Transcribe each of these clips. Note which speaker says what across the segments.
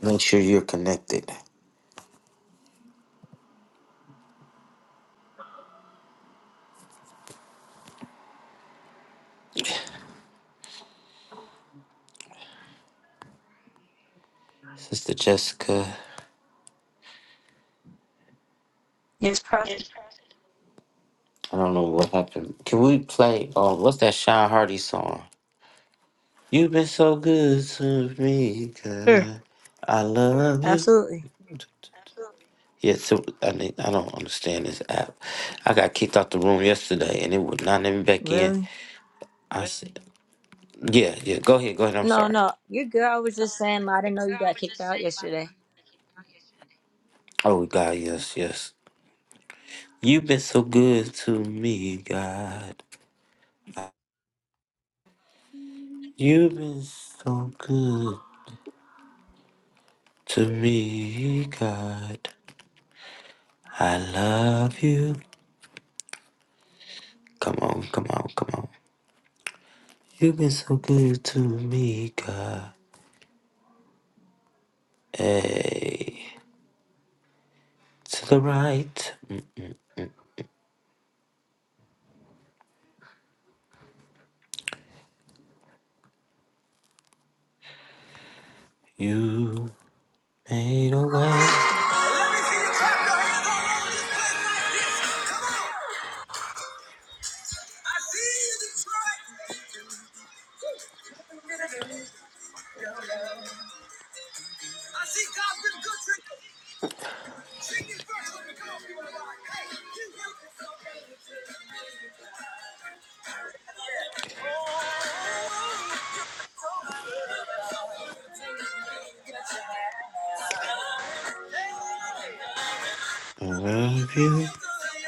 Speaker 1: Make sure you're connected. Sister Jessica, I don't know what happened. Can we play, oh, what's that Sean Hardy song? You've been so good to me, God. I love you. Yeah, so I mean, I don't understand this app. I got kicked out the room yesterday, and it would not let me back in. I said, "Yeah, yeah, go ahead, go ahead. I'm sorry." Oh God, yes, yes. You've been so good to me, God. You've been so good to me, God. I love you. Come on, come on, come on. You've been so good to me, God. Hey, to the right, mm, you made a way.
Speaker 2: I see you, Detroit. Your love. I see God been good to you. Sing it first, let me come on, people. Hey, you. look so good to me. Oh, so good, so good to me. Yes, you have. Hey, hey, hey.
Speaker 1: I
Speaker 2: Let me see
Speaker 1: love you.
Speaker 2: you clapping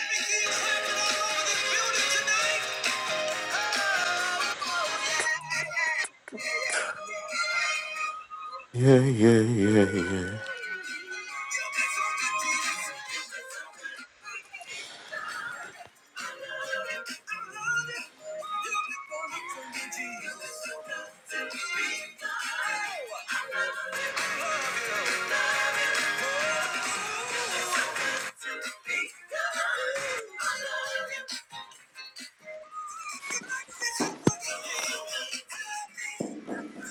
Speaker 2: all over this building tonight.
Speaker 1: Yeah, yeah, yeah, yeah.
Speaker 2: Love you.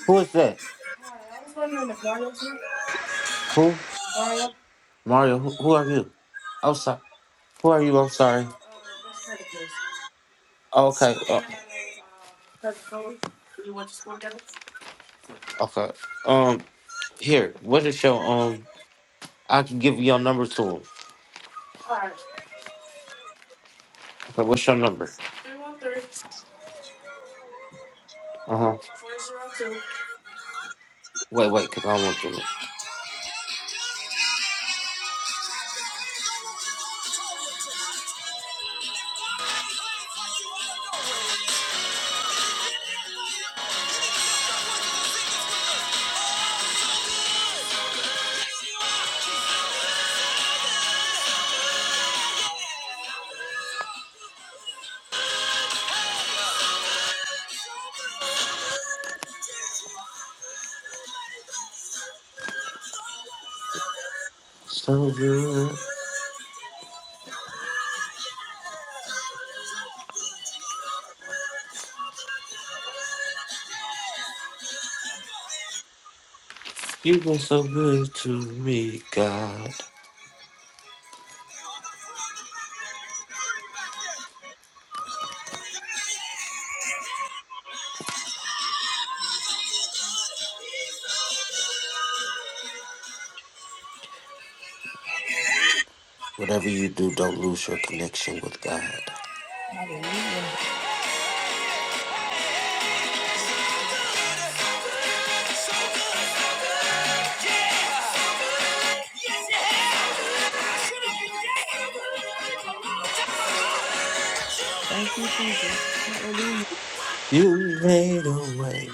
Speaker 1: Who is that? Who? Mario, who, who are you? I'm sorry. Who are you? I'm sorry. Okay. uh, okay. Um, here, what is your, um, I can give your number to him. Okay,
Speaker 2: Thank
Speaker 1: what's your number? Uh huh. Wait, wait, because I don't want to.
Speaker 2: you. are.
Speaker 1: So good. You've been so good to me, God. Whatever you do, don't lose your connection with God. You made a way.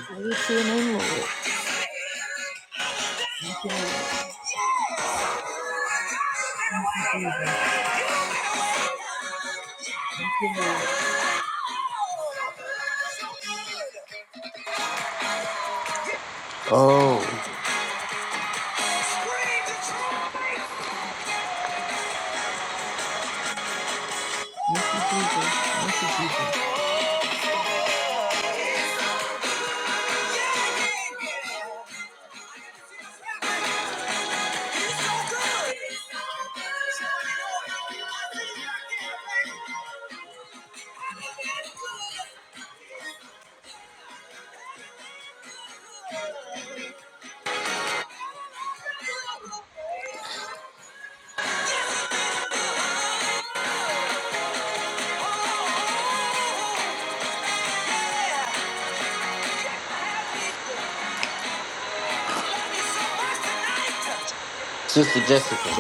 Speaker 2: Thank you.
Speaker 1: Oh,
Speaker 2: Detroit, yeah. He's so good. I'll see you back there, baby. Happy, good, happy,
Speaker 1: Sister Jessica,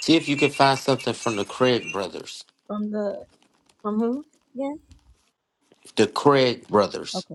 Speaker 1: see if you can find something from the Craig brothers. The Craig brothers.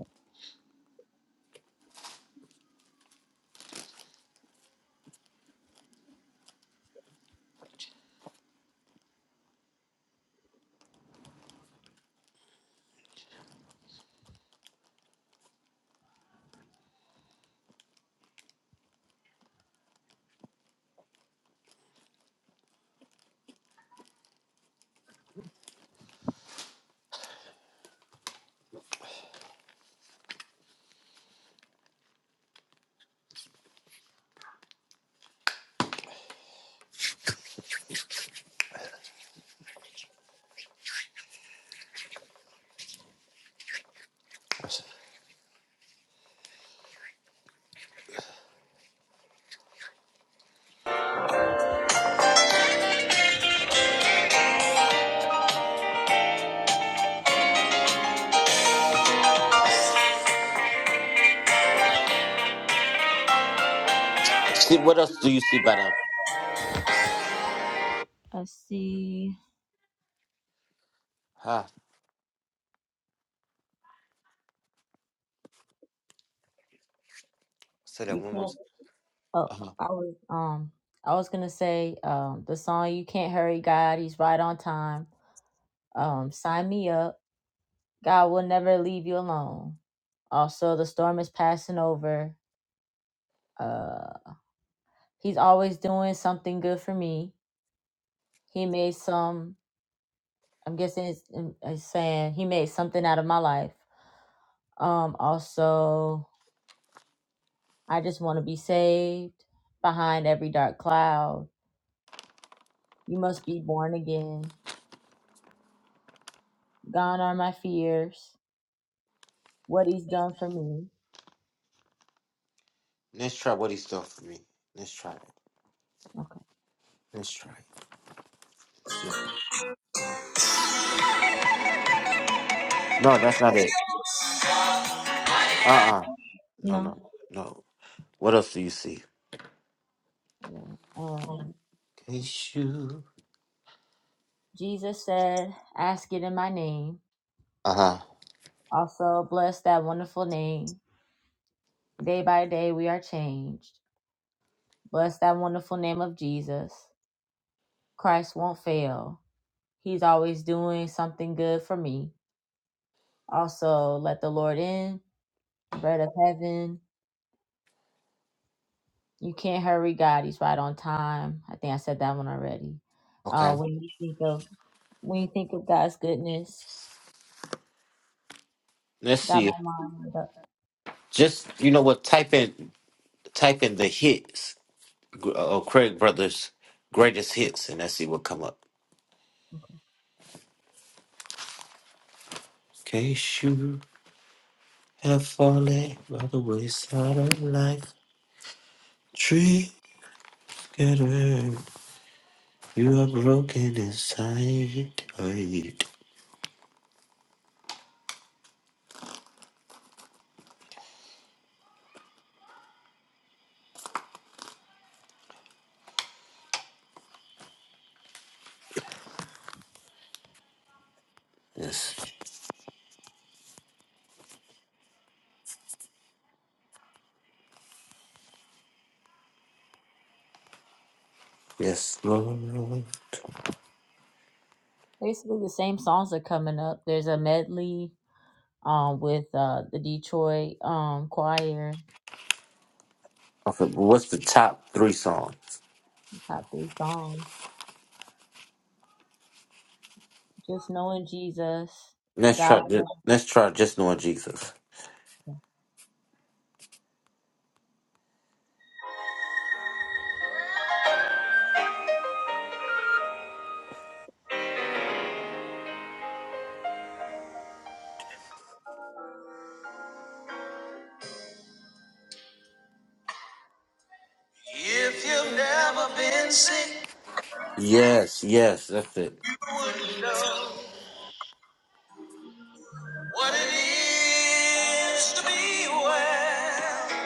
Speaker 1: See, what else do you see by them?
Speaker 2: good.
Speaker 1: Huh? Say that one more time. Uh-huh. Let's try what he's done for me. Let's try it. Let's try it. See. No, that's not it. Uh-uh. No, no, no. What else do you see? issue. Uh huh. Okay. Let's see. Just you know what? Type in type in the hits. gr- Uh, Craig Brothers greatest hits, and let's see what come up. Case you have fallen by the wayside of life, tree together. You are broken inside. Right. Yes. Yes, Lord. Okay, but what's the top three songs? Let's try. ju- Let's try just knowing Jesus.
Speaker 2: If you've never been sick,
Speaker 1: Yes, yes, that's it.
Speaker 2: you wouldn't know what it is to be well.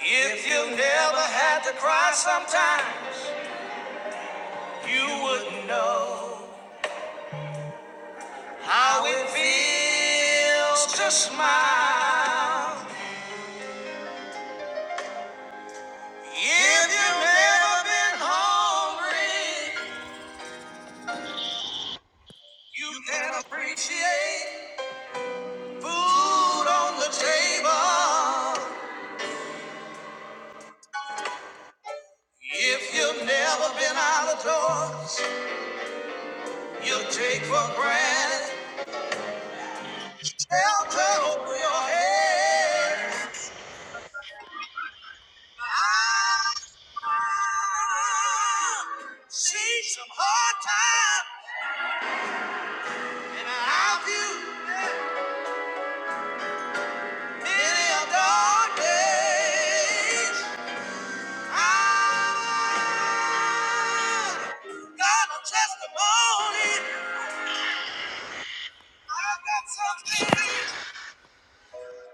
Speaker 2: If you've never had to cry sometimes, you wouldn't know how it feels to smile. If you've never been hungry, you can appreciate food on the table. If you've never been out of doors, You take for granted shelter over your head. See some hard times, and I've viewed many a dark days. I have got a testimony. I've got something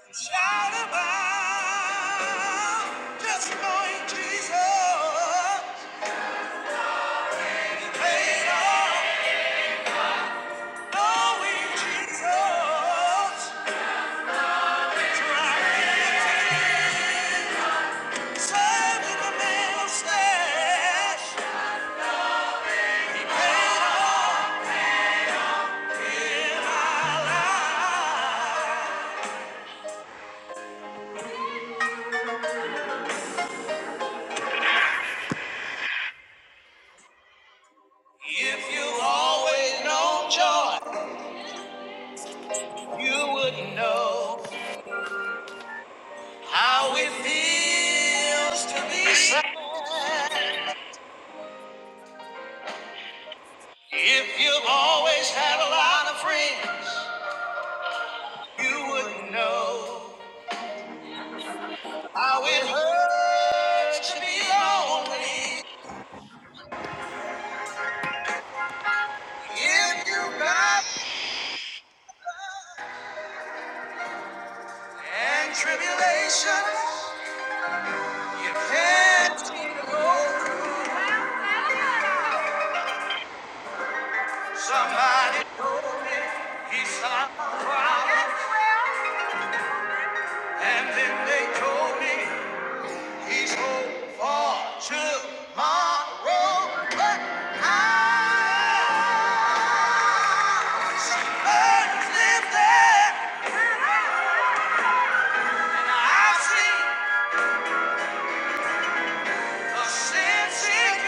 Speaker 2: to shout about. Just knowing Jesus paid all. If you always known joy, you wouldn't know how it feels to be sad. If you've always had a lot of friends, you wouldn't know how it hurts to be lonely. If you got and tribulation, you can't see the goal. Somebody, he saw a problem, and then they told me he's hope for tomorrow. But I see burdens lifted, and I see the sin sick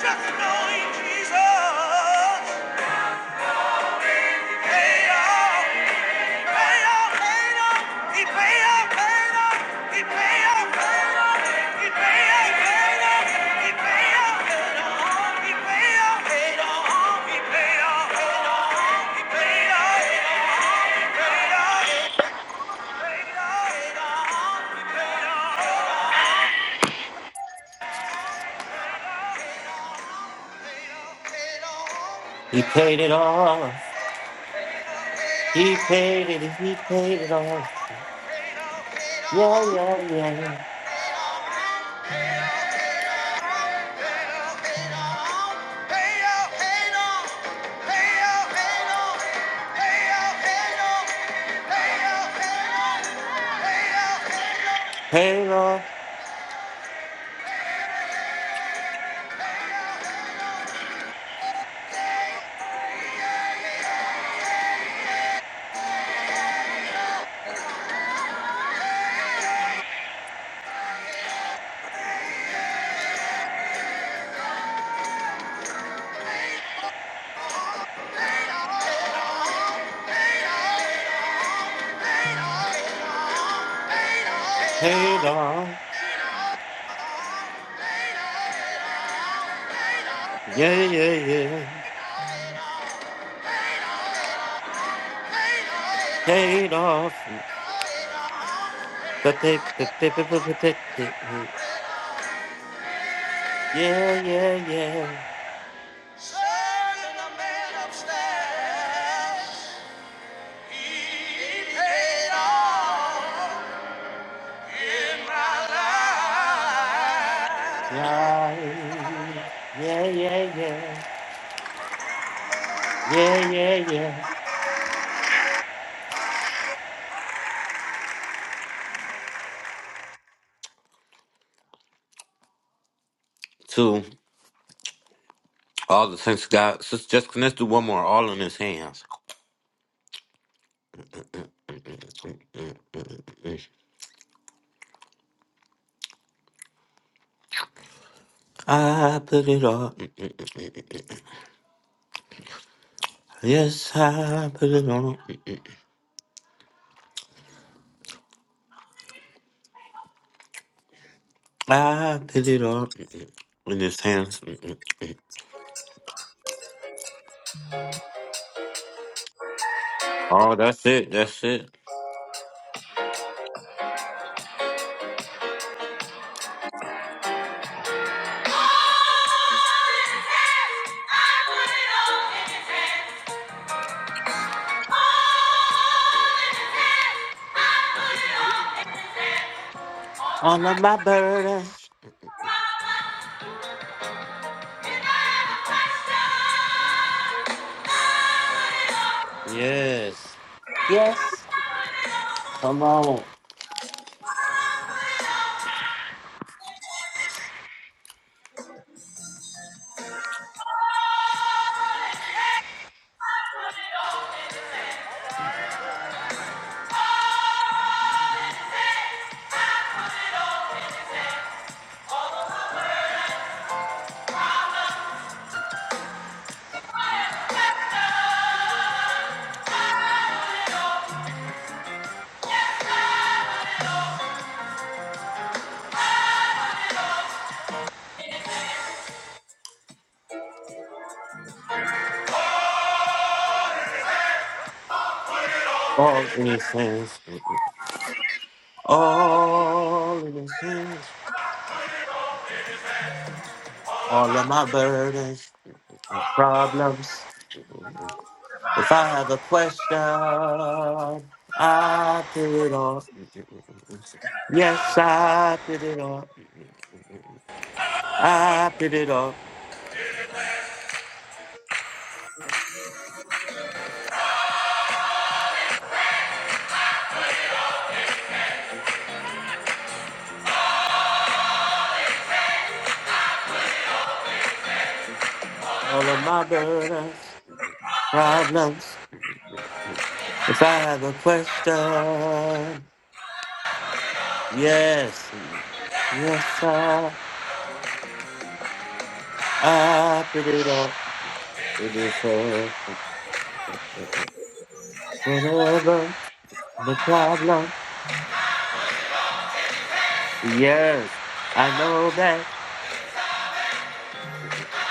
Speaker 2: Just knowing Jesus. paid off, paid off, paid off. He paid off, paid off. He paid off, paid off. He paid off, paid off. He paid off, paid off. He paid off, paid off. He paid off, paid off. He paid off, paid off.
Speaker 1: He paid it off. He paid it. He paid it off.
Speaker 2: He paid off, paid
Speaker 1: Yeah,
Speaker 2: off.
Speaker 1: yeah, yeah.
Speaker 2: Hey!
Speaker 1: Paid off. Paid off. Yeah, yeah, yeah.
Speaker 2: no.
Speaker 1: Paid off. The paper. The paper. The paper. Yeah, yeah, yeah.
Speaker 2: Serving in my life.
Speaker 1: Life. Yeah, yeah, yeah. Yeah, yeah, yeah. To all the thanks to God. Sister Jessica, let's do one more. All in his hands. I put it on. Yes, I put it on. I put it on in his hands. Oh, that's it. That's it.
Speaker 2: All in his hands, I put it all in his hands. All in his hands, I put it all in
Speaker 1: All of my burdens.
Speaker 2: his hands. Yeah.
Speaker 1: Yes. Yes. Come on. All in his hands. All in his hands. All of my burdens and problems. If I have a question, I put it on. Yes, I put it on. I put it on. All of my burdens, problems. If I have a question, yes, yes, I, I put it on. It is uh, whatever the problem. Yes, I know that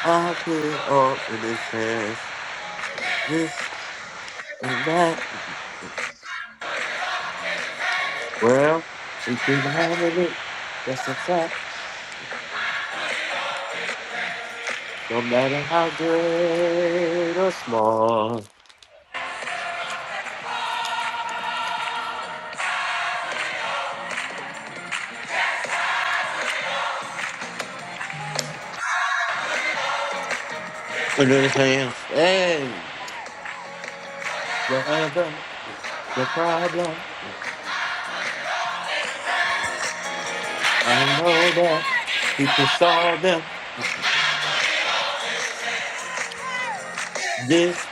Speaker 1: I feel all in this chance. This and that. Well, if you have it, that's a fact. No matter how great or small, we do the same thing. Whatever the problem, I know that he can solve them. This.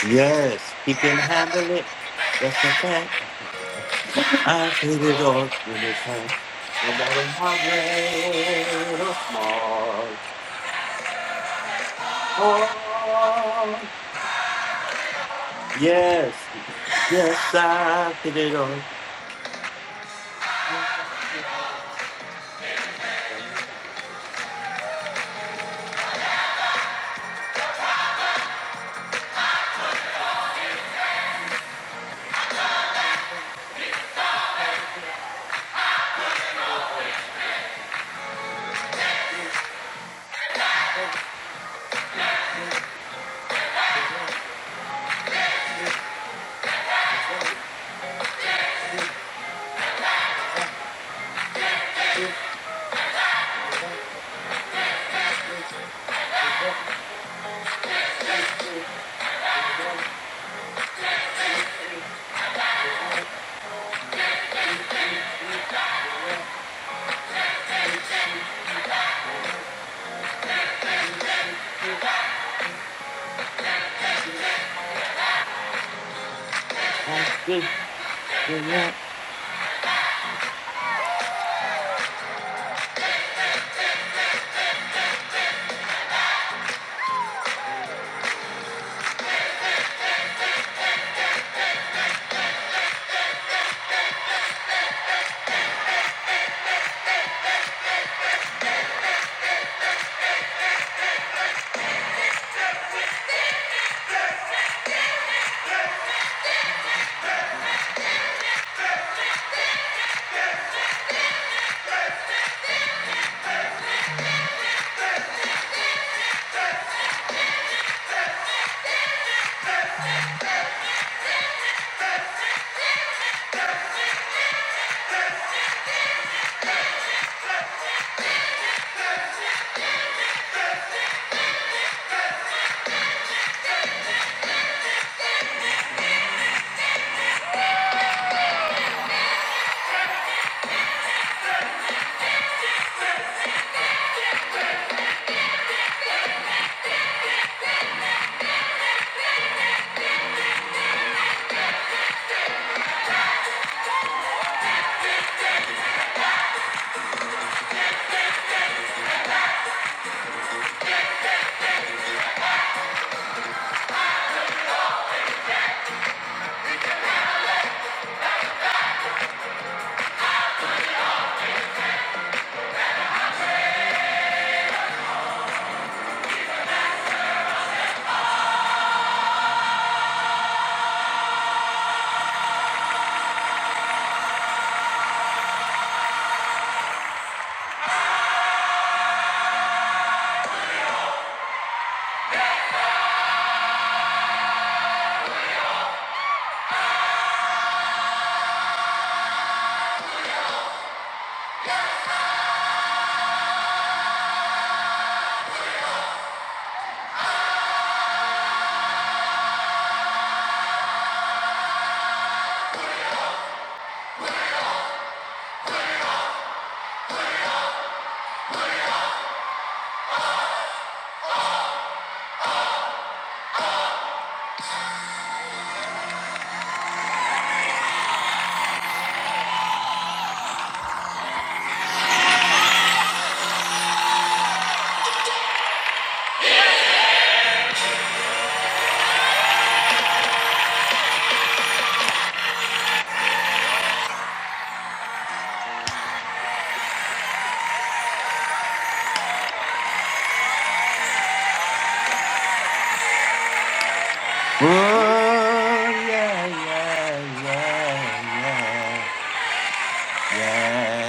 Speaker 1: Yes, he can handle it. That's a fact. I did it all to this time. No matter how great or small. Oh, yes, yes, I did it all. I did it all. Oh yeah, yeah, yeah, yeah, yeah,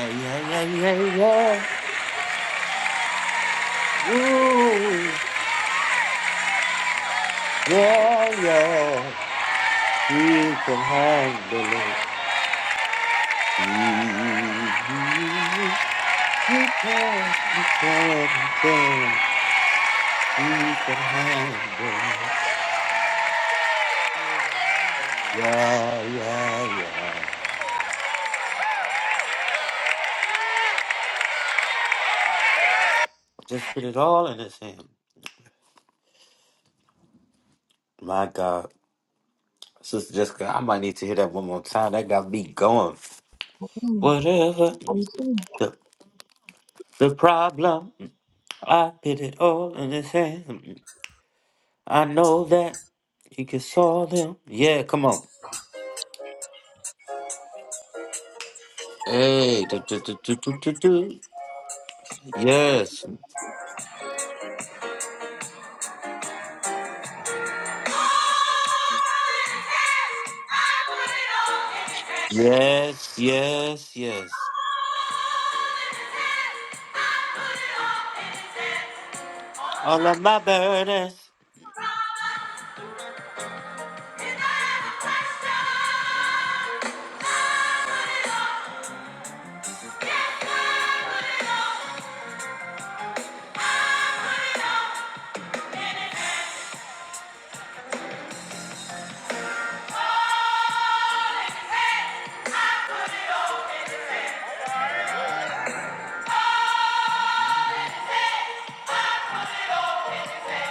Speaker 1: yeah, yeah, yeah, yeah. Ooh, yeah, yeah. We can handle it. You can't, you can't, you can't. She's behind the Yeah, yeah, yeah. Just put it all in his hand. My God. Sister Jessica, I might need to hear that one more time. That got me going. Whatever the, the problem, I put it all in his hand. I know that he can solve them. Yeah, come on. Hey, do, do, do, do, do, do, do. yes. Yes, yes, yes. All of my burdens.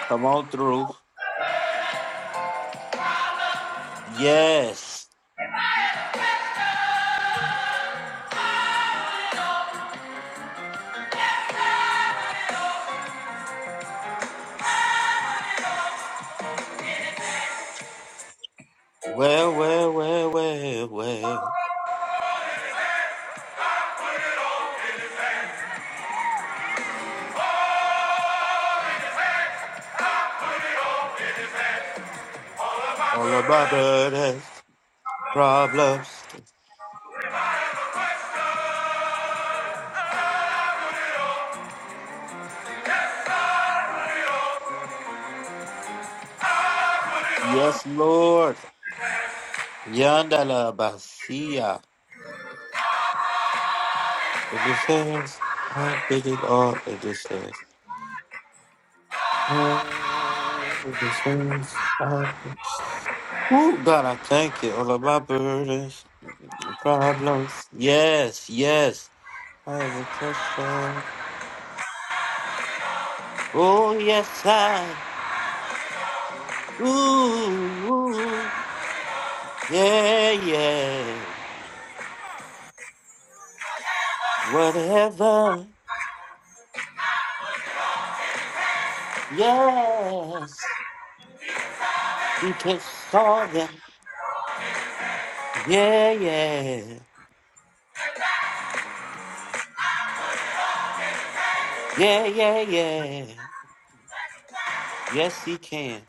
Speaker 1: Come on through. Yes. Well, well, well, well, well. All of my burdens, problems. Yes, Lord. Yandala Basia. It is says, I did it all. It is says, oh, it is says, I did- Oh, God, I thank you. All of my burdens, problems. Yes, yes. I have a question. Oh yes, I. Ooh, ooh, yeah, yeah. Whatever. Yes, because saw them. Yeah, yeah, yeah, yeah, yeah. Yes, he can.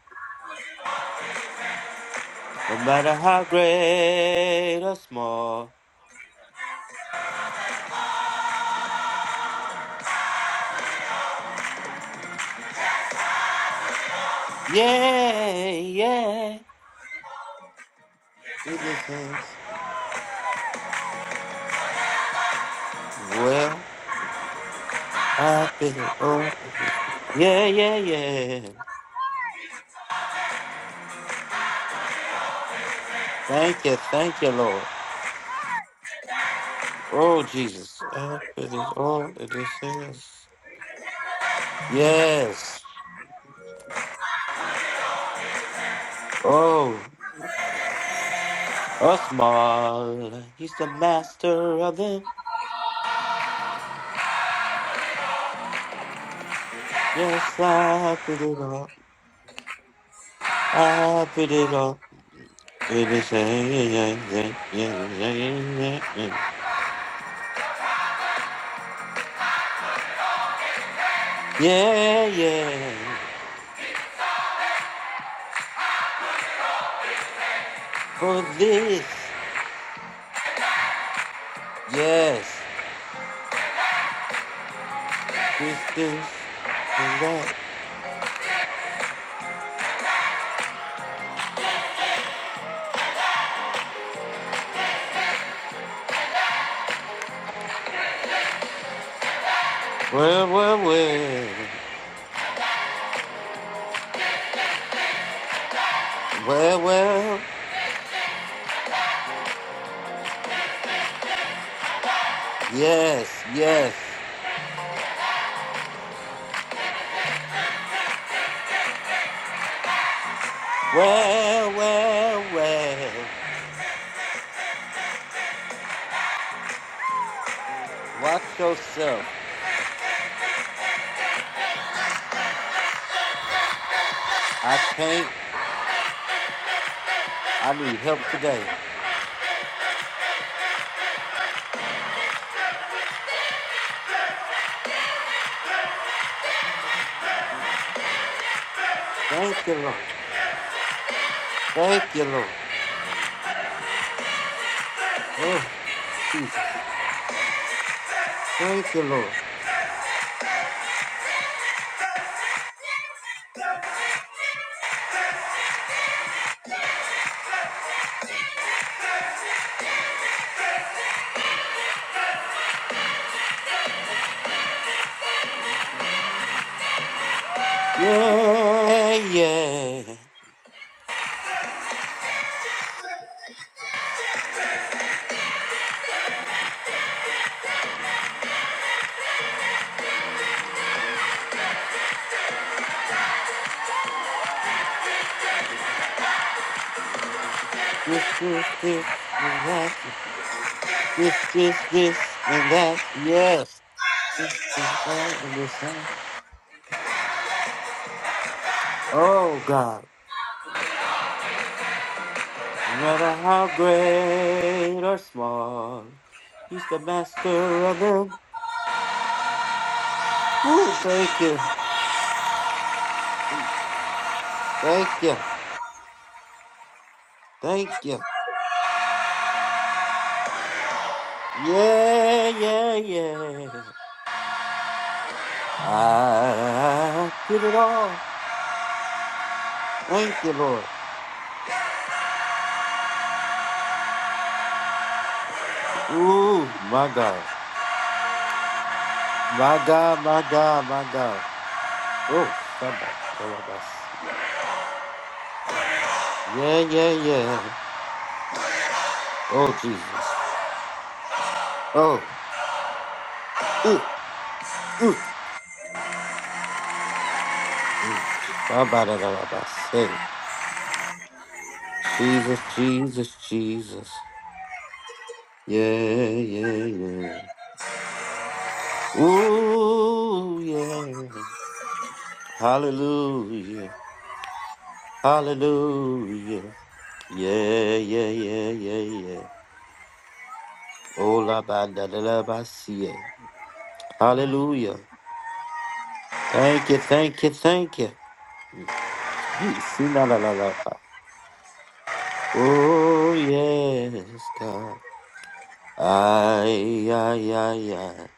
Speaker 1: No matter how great or small. Yeah, yeah. In this sense, well, I feel it. Oh, yeah, yeah, yeah. Thank you, thank you, Lord. Oh, Jesus. I put it all in this things. Yes. Oh, oh, small. He's the master of them. Yes, I put it all. I put it all. It is yeah, yeah, yeah, yeah, yeah, yeah, yeah, yeah, yeah. For this, yes, this, this, and that. Well, well, well, well, well. Yes, yes. Well, well, well. Watch yourself. I can't. I need help today. Thank you, Lord. Thank you, Lord. Oh, Jesus. Thank you, Lord. Yeah, yeah. This, this, this, and that. This, this, this, and that. Yes. This, this, that, and this, that. Oh, God. No matter how great or small, he's the master of them. Woo, thank you. Thank you. Thank you. Yeah, yeah, yeah. I did it all. Thank you, Lord. Ooh, my God. My God, my God, my God. Oh, Shabbat. Balabas. Yeah, yeah, yeah. Oh, Jesus. Oh, ooh, ooh, ooh. Shabbat. Yalabas. Jesus, Jesus, Jesus. Yeah, yeah, yeah. Ooh, yeah. Hallelujah. Hallelujah. Yeah, yeah, yeah, yeah, yeah. Oh, la ba da da la ba si. eh. Hallelujah. Thank you, thank you, thank you. Mm, si, la, la, la, la, la. Oh, yes, God. Ay, ay, ay, ay.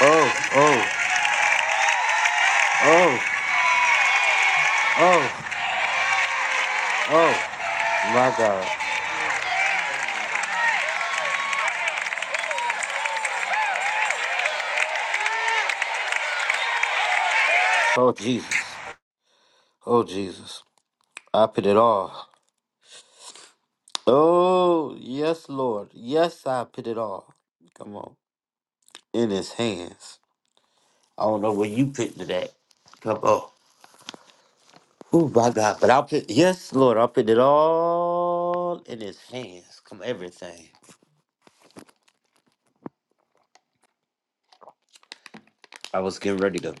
Speaker 1: Oh, oh, oh, oh, oh. My God. Oh, Jesus. Oh, Jesus. I put it all. Oh, yes, Lord. Yes, I put it all. Come on. In his hands. I don't know where you put it at. Come on. Oh, my God. But I'll put, yes, Lord, I'll put it all in his hands. Come everything. I was getting ready to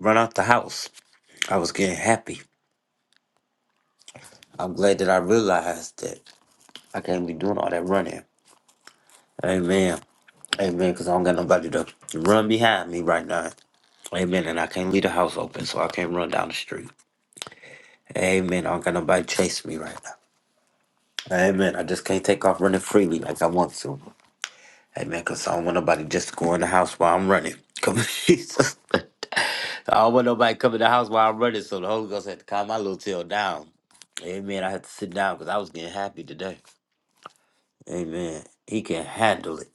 Speaker 1: run out the house. I was getting happy. I'm glad that I realized that I can't be doing all that running. Amen. Amen. Because I don't got nobody to run behind me right now. Amen. And I can't leave the house open, so I can't run down the street. Amen. I don't got nobody chasing me right now. Amen. I just can't take off running freely like I want to. Amen. Because I don't want nobody just to go in the house while I'm running. Come on, Jesus. I don't want nobody coming in the house while I'm running, so the Holy Ghost had to calm my little tail down. Amen. I had to sit down because I was getting happy today. Amen. He can handle it.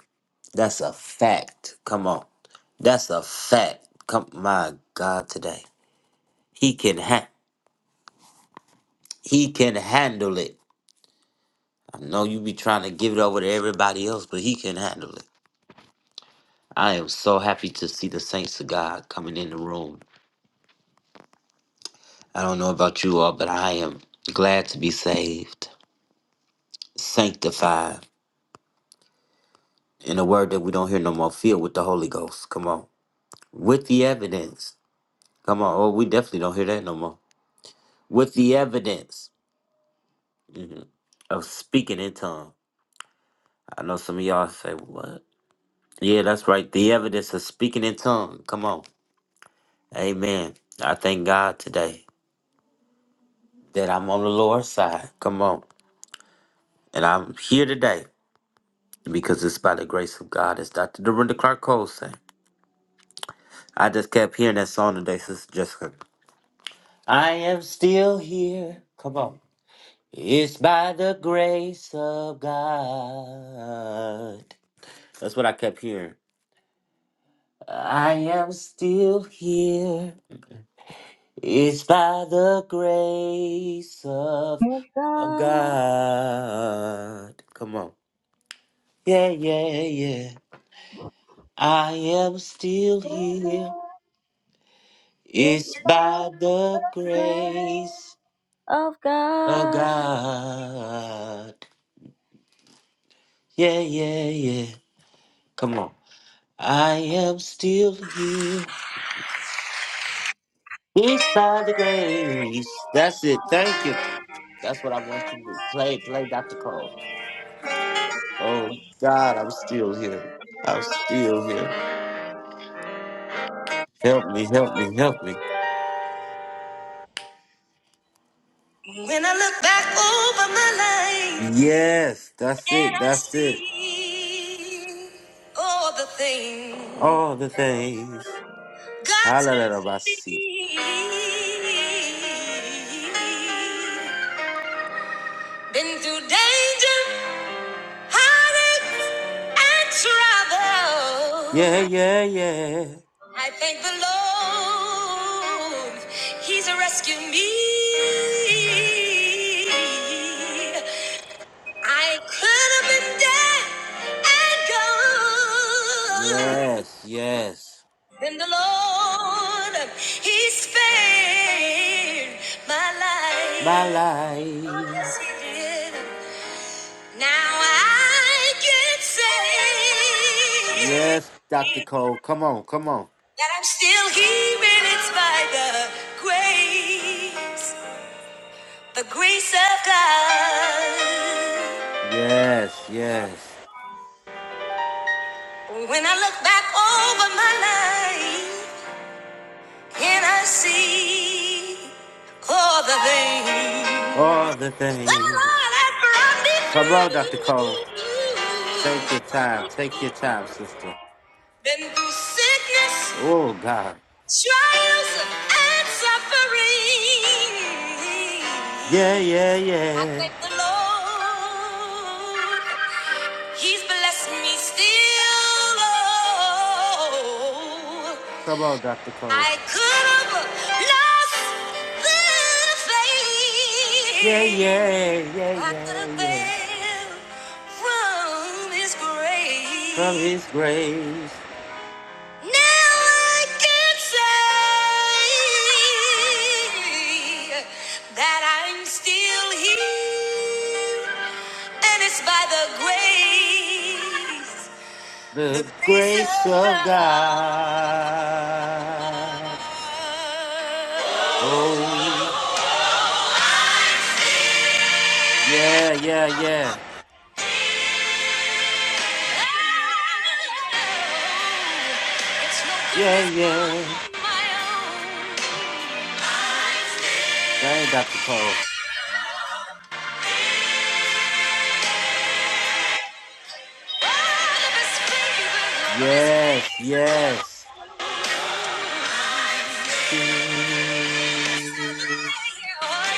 Speaker 1: That's a fact. Come on. That's a fact. Come, my God, today. He can handle He can handle it. I know you be trying to give it over to everybody else, but he can handle it. I am so happy to see the saints of God coming in the room. I don't know about you all, but I am glad to be saved, sanctified, in a word that we don't hear no more, filled with the Holy Ghost. Come on. With the evidence. Come on. Oh, we definitely don't hear that no more. With the evidence mhm, of speaking in tongue. I know some of y'all say, what? Yeah, that's right. The evidence of speaking in tongue. Come on. Amen. I thank God today that I'm on the Lord's side. Come on. And I'm here today because it's by the grace of God, as Dr. Dorinda Clark Cole sang. I just kept hearing that song today, Sister Jessica. I am still here. Come on. It's by the grace of God. That's what I kept hearing. I am still here. It's by the grace of of God. Come on. Yeah, yeah, yeah. I am still here. It's by the grace of God. Yeah, yeah, yeah. Come on. I am still here. It's by the grace. That's it. Thank you. That's what I want you to do. Play, play Dr. Cole. Oh, God, I'm still here. I'm still here. Help me, help me, help me.
Speaker 2: When I look back over my life
Speaker 1: Yes, that's
Speaker 2: and
Speaker 1: it.
Speaker 2: I
Speaker 1: That's it.
Speaker 2: see all the things
Speaker 1: All the things.
Speaker 2: God's
Speaker 1: Halalabasi.
Speaker 2: been, been through danger, heartache, and
Speaker 1: Yeah,
Speaker 2: trouble.
Speaker 1: yeah, yeah.
Speaker 2: I thank the Lord, He's rescued me. I could have been dead and gone.
Speaker 1: Yes, yes.
Speaker 2: Then the Lord, He spared my life.
Speaker 1: My life. Yes, Dr. Cole. Come on, come on. Yes, yes.
Speaker 2: I see all the things
Speaker 1: All the
Speaker 2: the Lord
Speaker 1: things.
Speaker 2: has brought me
Speaker 1: Come
Speaker 2: through.
Speaker 1: on, Dr. Cole. Take your time. Take your time, sister.
Speaker 2: Been through sickness
Speaker 1: Oh, God.
Speaker 2: trials and suffering.
Speaker 1: Yeah, yeah,
Speaker 2: I
Speaker 1: yeah.
Speaker 2: thank the Lord, He's blessed me still. Oh,
Speaker 1: Come on, Dr. Cole.
Speaker 2: I could have lost the
Speaker 1: Yeah,
Speaker 2: faith,
Speaker 1: yeah, yeah,
Speaker 2: I could
Speaker 1: yeah,
Speaker 2: have
Speaker 1: yeah.
Speaker 2: failed from His grace.
Speaker 1: From his grace.
Speaker 2: Now I can say. I'm still here, and it's by the grace, the
Speaker 1: The
Speaker 2: grace
Speaker 1: grace
Speaker 2: of
Speaker 1: of
Speaker 2: God.
Speaker 1: God. Oh, yeah, yeah, yeah.
Speaker 2: It's no
Speaker 1: Yeah,
Speaker 2: goodness
Speaker 1: yeah.
Speaker 2: of my own.
Speaker 1: That ain't Dr. Cole.
Speaker 2: I'm still All of his favors, all of his
Speaker 1: Yes,
Speaker 2: favors.
Speaker 1: yes.
Speaker 2: Oh,
Speaker 1: Yeah,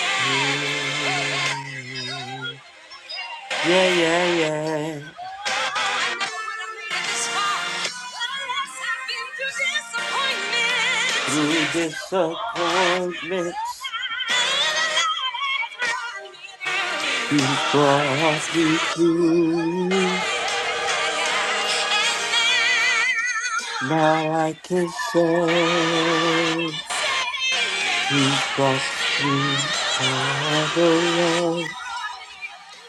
Speaker 2: yeah. Oh, yeah. Oh, yeah.
Speaker 1: yeah,
Speaker 2: Yeah.
Speaker 1: yeah. Through disappointments, He's brought me through. Now I can say. Because we all the way,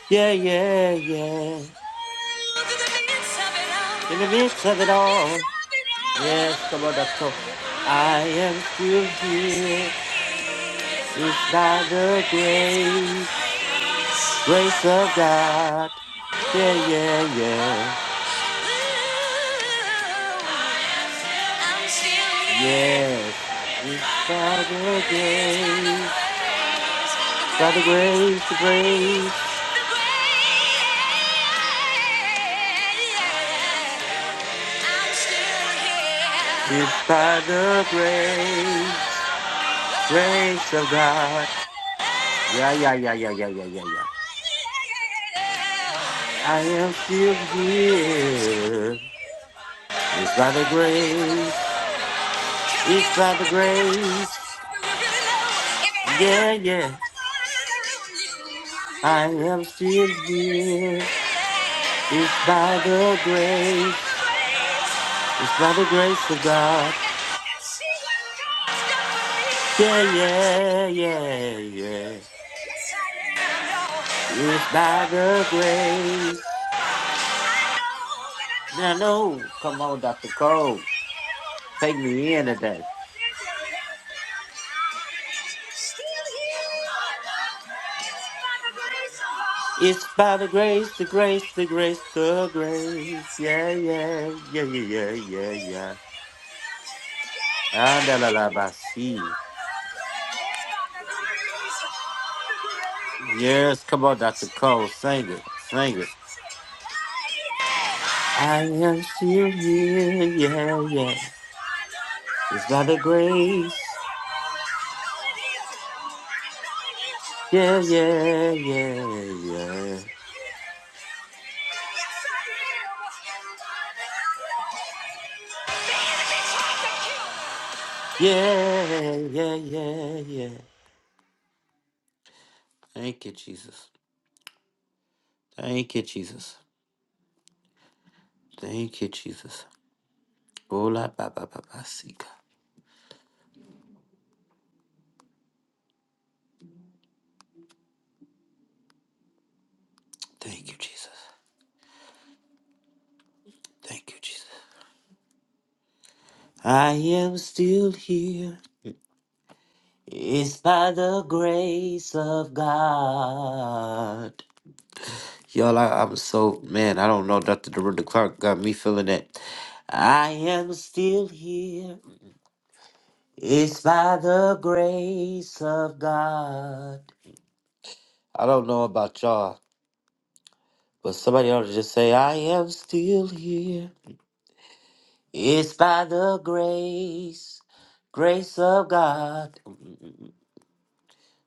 Speaker 1: Yeah, yeah, yeah. In the midst of it all. Yes, come on, that's cool. I am still here. It's by the grace, grace of God. Yeah, yeah, yeah.
Speaker 2: Still here.
Speaker 1: Yes, it's by the
Speaker 2: Yeah.
Speaker 1: grace. It's by the grace, the grace. It's by the grace, grace of God. Yeah, yeah, yeah, yeah, yeah, yeah, yeah, yeah. I am still here. It's by the grace. It's by the grace. Yeah, yeah. I am still here. It's by the
Speaker 2: Yes,
Speaker 1: grace. It's by the grace of God. Yeah, yeah, yeah, yeah.
Speaker 2: I am.
Speaker 1: It's by the grace. Now, no. Come on, Dr. Cole. Take me in today. It's by the grace, the grace, the grace, the grace. Yeah, yeah, yeah, yeah, yeah, yeah, yeah. Ah, da, la, la, ba, si.
Speaker 2: Thank you.
Speaker 1: Yes, come on, Dr. Cole, sing it, sing it. I am still here, yeah, yeah. It's by the grace, yeah, yeah, yeah, yeah, yeah, yeah, yeah, yeah. Thank you, Jesus. Thank you, Jesus. Thank you, Jesus. Ola, ba, ba, ba, ba, si, Thank you, Jesus. Thank you, Jesus. I am still here. It's by the grace of God. Y'all, I, I'm so, man, I don't know. Dr. Dorinda Clark got me feeling that. I am still here. It's by the grace of God. I don't know about y'all, but somebody ought to just say, I am still here. It's by the grace, grace of God.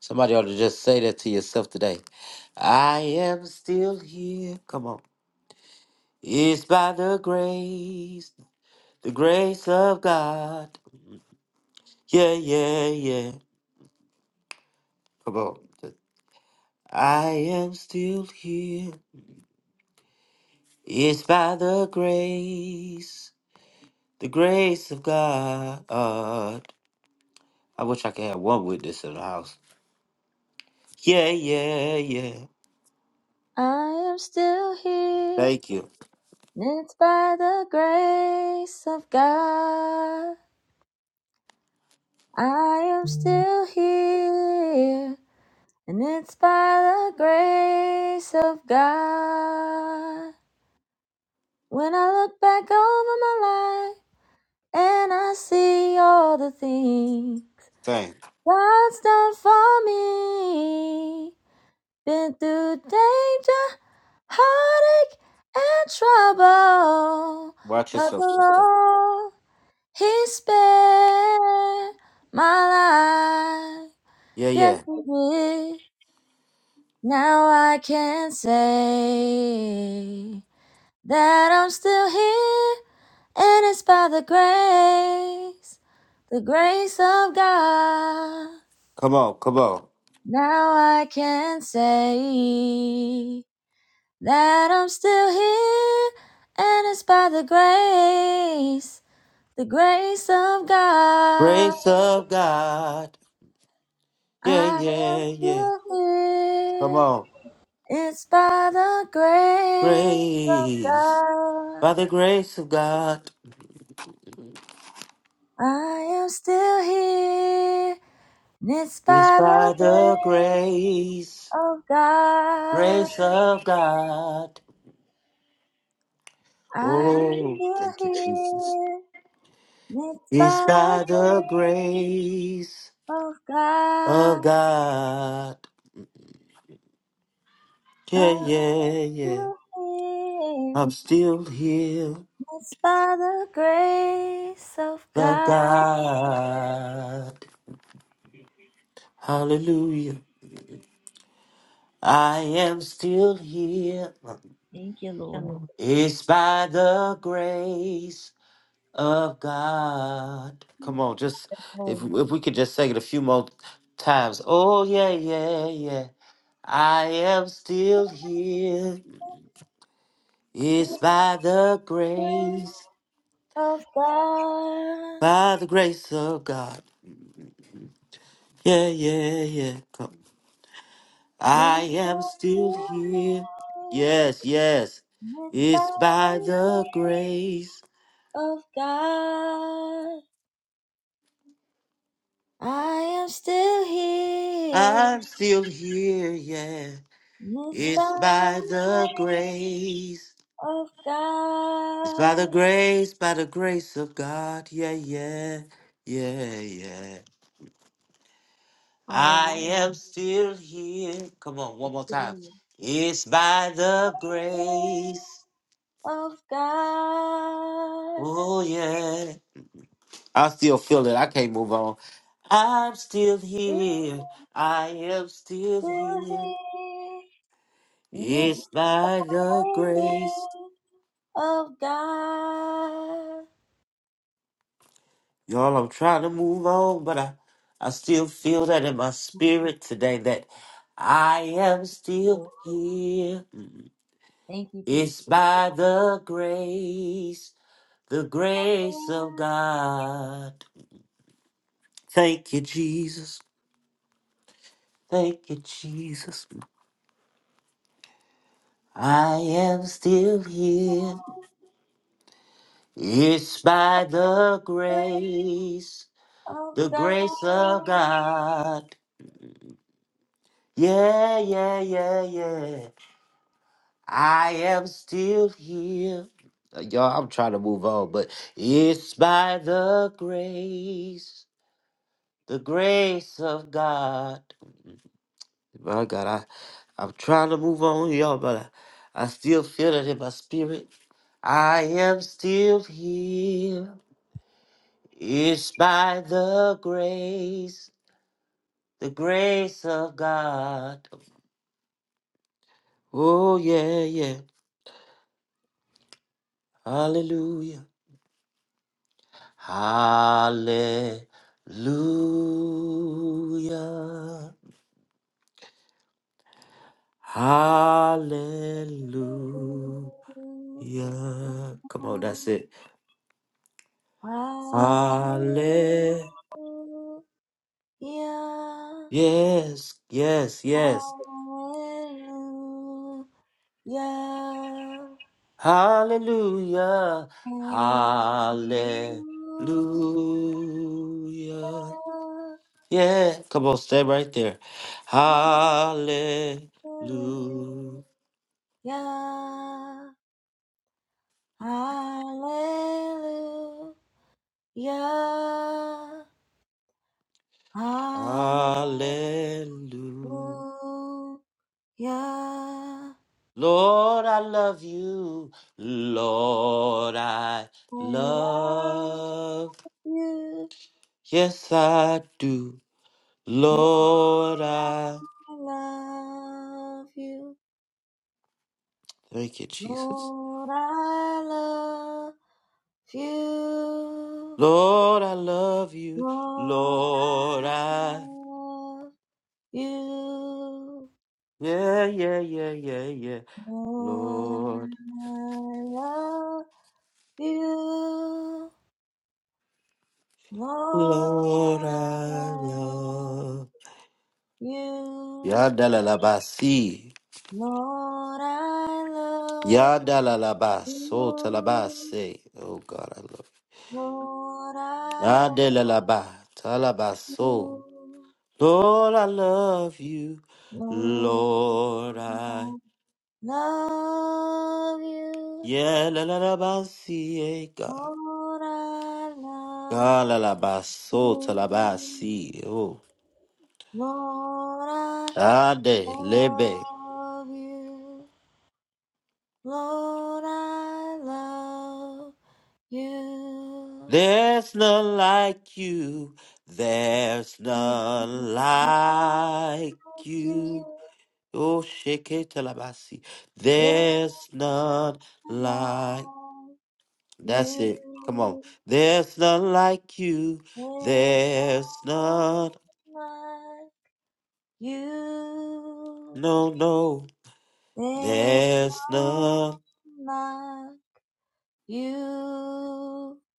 Speaker 1: Somebody ought to just say that to yourself today. I am still here. Come on. It's by the grace, the grace of God. Yeah, yeah, yeah. Come on. I am still here. It's by the grace, the grace of God. I wish I could have one witness in the house. Yeah, yeah, yeah. Thank you. Thank. Watch yourself, sister. Yeah, yeah. Come on, come on. Grace of God. Yeah, yeah, yeah. Come on. Grace. By the grace of God. It's by the grace. Grace of God. Oh, thank you, Jesus. It's by the grace of God. Yeah, yeah, yeah. I'm still here. Of God. Hallelujah. I am still here. It's by the grace of God. Come on, just if if we could just sing it a few more times. Oh yeah, yeah, yeah. I am still here. It's by the grace, by the grace of God. Yeah, yeah, yeah. Come. I am still here. Yes, yes. It's by the grace. I'm still here. Yeah. It's by the grace. It's by the grace, by the grace of God. Yeah, yeah, yeah, yeah. I am still here. Come on, one more time. It's by the grace. Oh, yeah. I still feel it. I can't move on. I'm still here. I am still here. It's by the grace. Y'all, I'm trying to move on, but I, I still feel that in my spirit today that I am still here. It's by the grace, the grace of God. Thank you, Jesus. Thank you, Jesus. I am still here. It's by the grace, the grace of God. Yeah, yeah, yeah, yeah. I am still here. Uh, Y'all, I'm trying to move on, but it's by the grace, the grace of God. My God, I, I'm trying to move on, y'all, but I, I still feel it in my spirit. I am still here. It's by the grace, the grace of God. Oh, yeah, yeah. Hallelujah. Hallelujah. Hallelujah. Come on, that's it. Hallelujah. Yes, yes, yes. Hallelujah. Hallelujah. Yeah, come on, stay right there. Hallelujah. Hallelujah. Lord, I love you. Lord, I love. Yes, I do. Lord, I thank you, Jesus. Lord, I love you. Lord, I yeah, yeah, yeah, yeah, yeah. Lord, Lord, I love. Yadalalabasi. Yadalalabasotalabase. Oh God, I love. Adelalaba, talabaso. Lord, I love you. Lord, I yeah, la la la ba si eh, God. Ah, la la ba so talabasi. Oh, ade lebe. There's none like you. There's none like you. Oh, shake it talabasi. There's none like. That's it. Come on. There's none like you. There's none. No, no. There's none.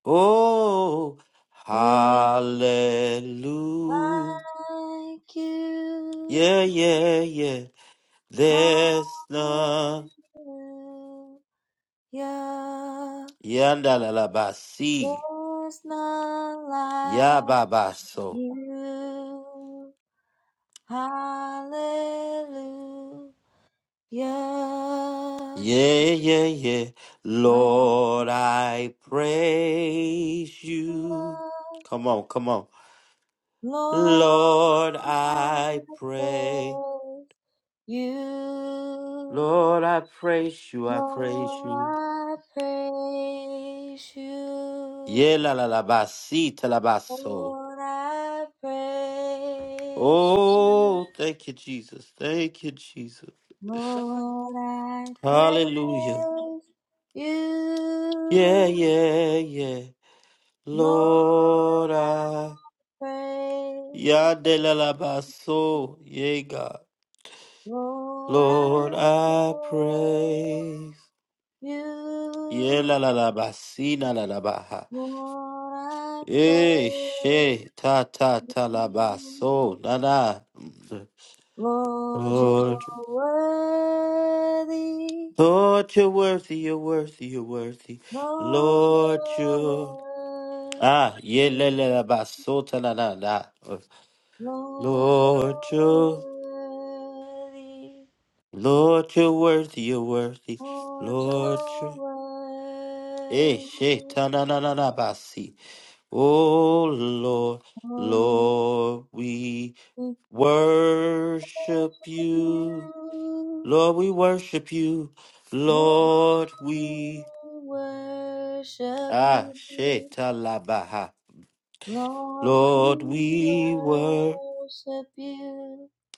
Speaker 1: Oh, hallelujah. Yeah, yeah, yeah. There's none. Yandalalabasi. Yababaso. Yeah, yeah, yeah. Lord, I praise you. Come on, come on. Lord, I pray. Lord, I praise you. I praise you. Yeah, la la la ba, si, ta, la ba, so. Oh, thank you, Jesus. Thank you, Jesus. Hallelujah. Yeah, yeah, yeah. Lord, I. Yeah, de la la ba, so. Yeah, God. Lord, I praise. Yeah, la la la ba, si, la la la ba. ha. Eh, she, ta, ta, ta, la, ba, so, la, la. Lord, Lord, you're worthy, you're worthy, you're worthy. Lord, you Ah, yeah, la, la, la, ba, so, ta, la, la, la. Lord, you Lord, you're worthy, you're worthy. Lord, you Eh, she, ta, na, na, na, na, ba, si. Oh, Lord, Lord, we worship you. Lord, we worship you. Lord, we ah shetalabaha. Lord, we were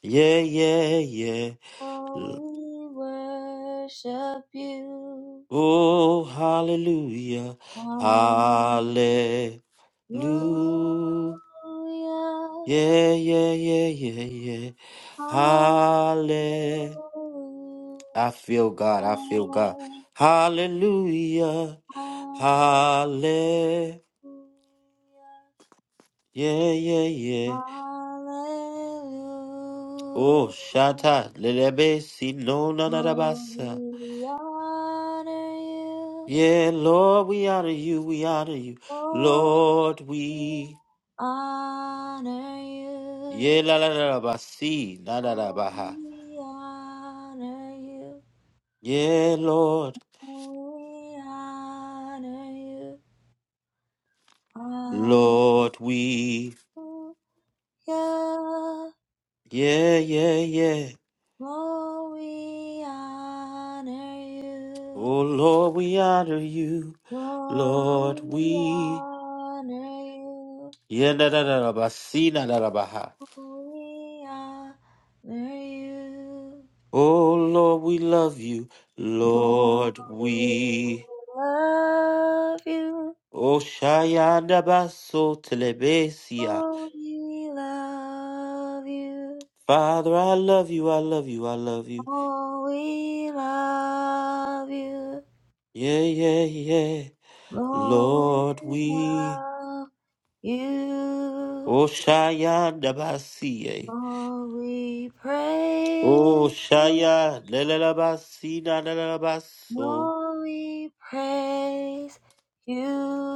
Speaker 1: yeah, yeah, yeah. L- Oh, hallelujah, hallelujah, yeah, yeah, yeah, yeah, yeah. Hallelujah. I feel God. I feel God. Hallelujah. Hallelujah. Yeah, yeah, yeah. Oh, Shata, Lelebe, si no na na, na, Yeah, Lord, we honor you, we honor you. Lord, we. Yeah, la la la la basi, na na na baha. Yeah, Lord, Lord, we. Yeah, yeah, yeah. Oh, Lord, we honor you. Lord, we. Yeah, na na na na, basi, na na na baha. Oh, Lord, we love you. Lord, we. Oshayadabaso telebesia. Father, I love you, I love you, I love you. Yeah, yeah, yeah. Lord, we. Oshayadabasie. Oshaya lelelabasina lelelabaso.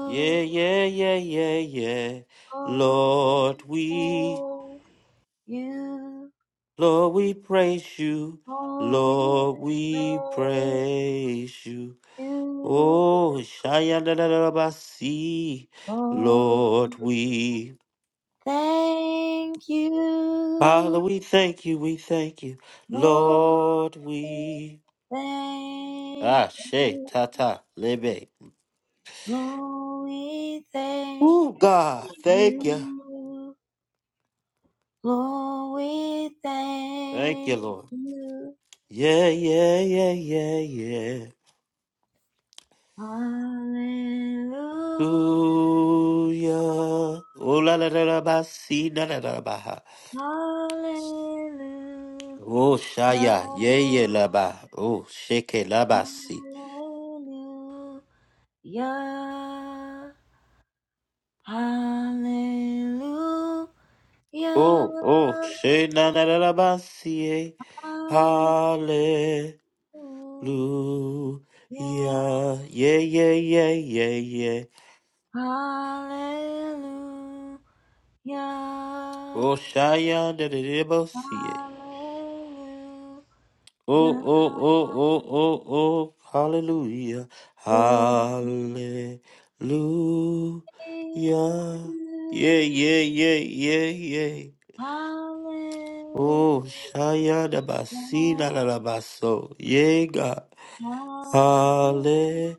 Speaker 1: Yeah, yeah, yeah, yeah, yeah. Lord, we. Lord, we praise you. Lord, we praise you. Oh, Shayandarabasi, Lord, we, Father, we thank you, we thank you, Lord, we, Ah, She, Tata, Lebe. Oh, God, thank you, thank you, Lord. Yeah, yeah, yeah, yeah, yeah. Ooh, yeah. Oh, la, la, la, la, ba, si, la, la, la, ba, ha. Oh, Shaya, yeah, yeah, la, ba. Oh, Sheke, la, ba, si. Oh, oh, she na na na na ba si eh. Hallelujah. Yeah, yeah, yeah, yeah, yeah. Oh, Shia da da da ba si eh. Oh, oh, oh, oh, oh, oh. Hallelujah. Hallelujah. Yeah, yeah, yeah, yeah, yeah. Oh, Shia da ba si na na na ba so. Yeah, God. Hallelujah.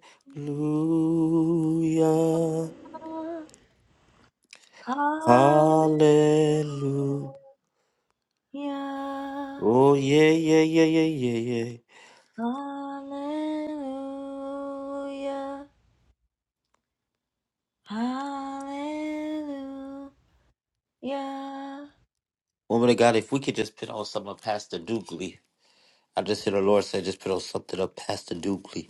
Speaker 1: Hallelujah. Oh, yeah, yeah, yeah, yeah, yeah, yeah. Woman of God, if we could just put on some of Pastor Dugley. I just hear the Lord say, just put on something of Pastor Dugley.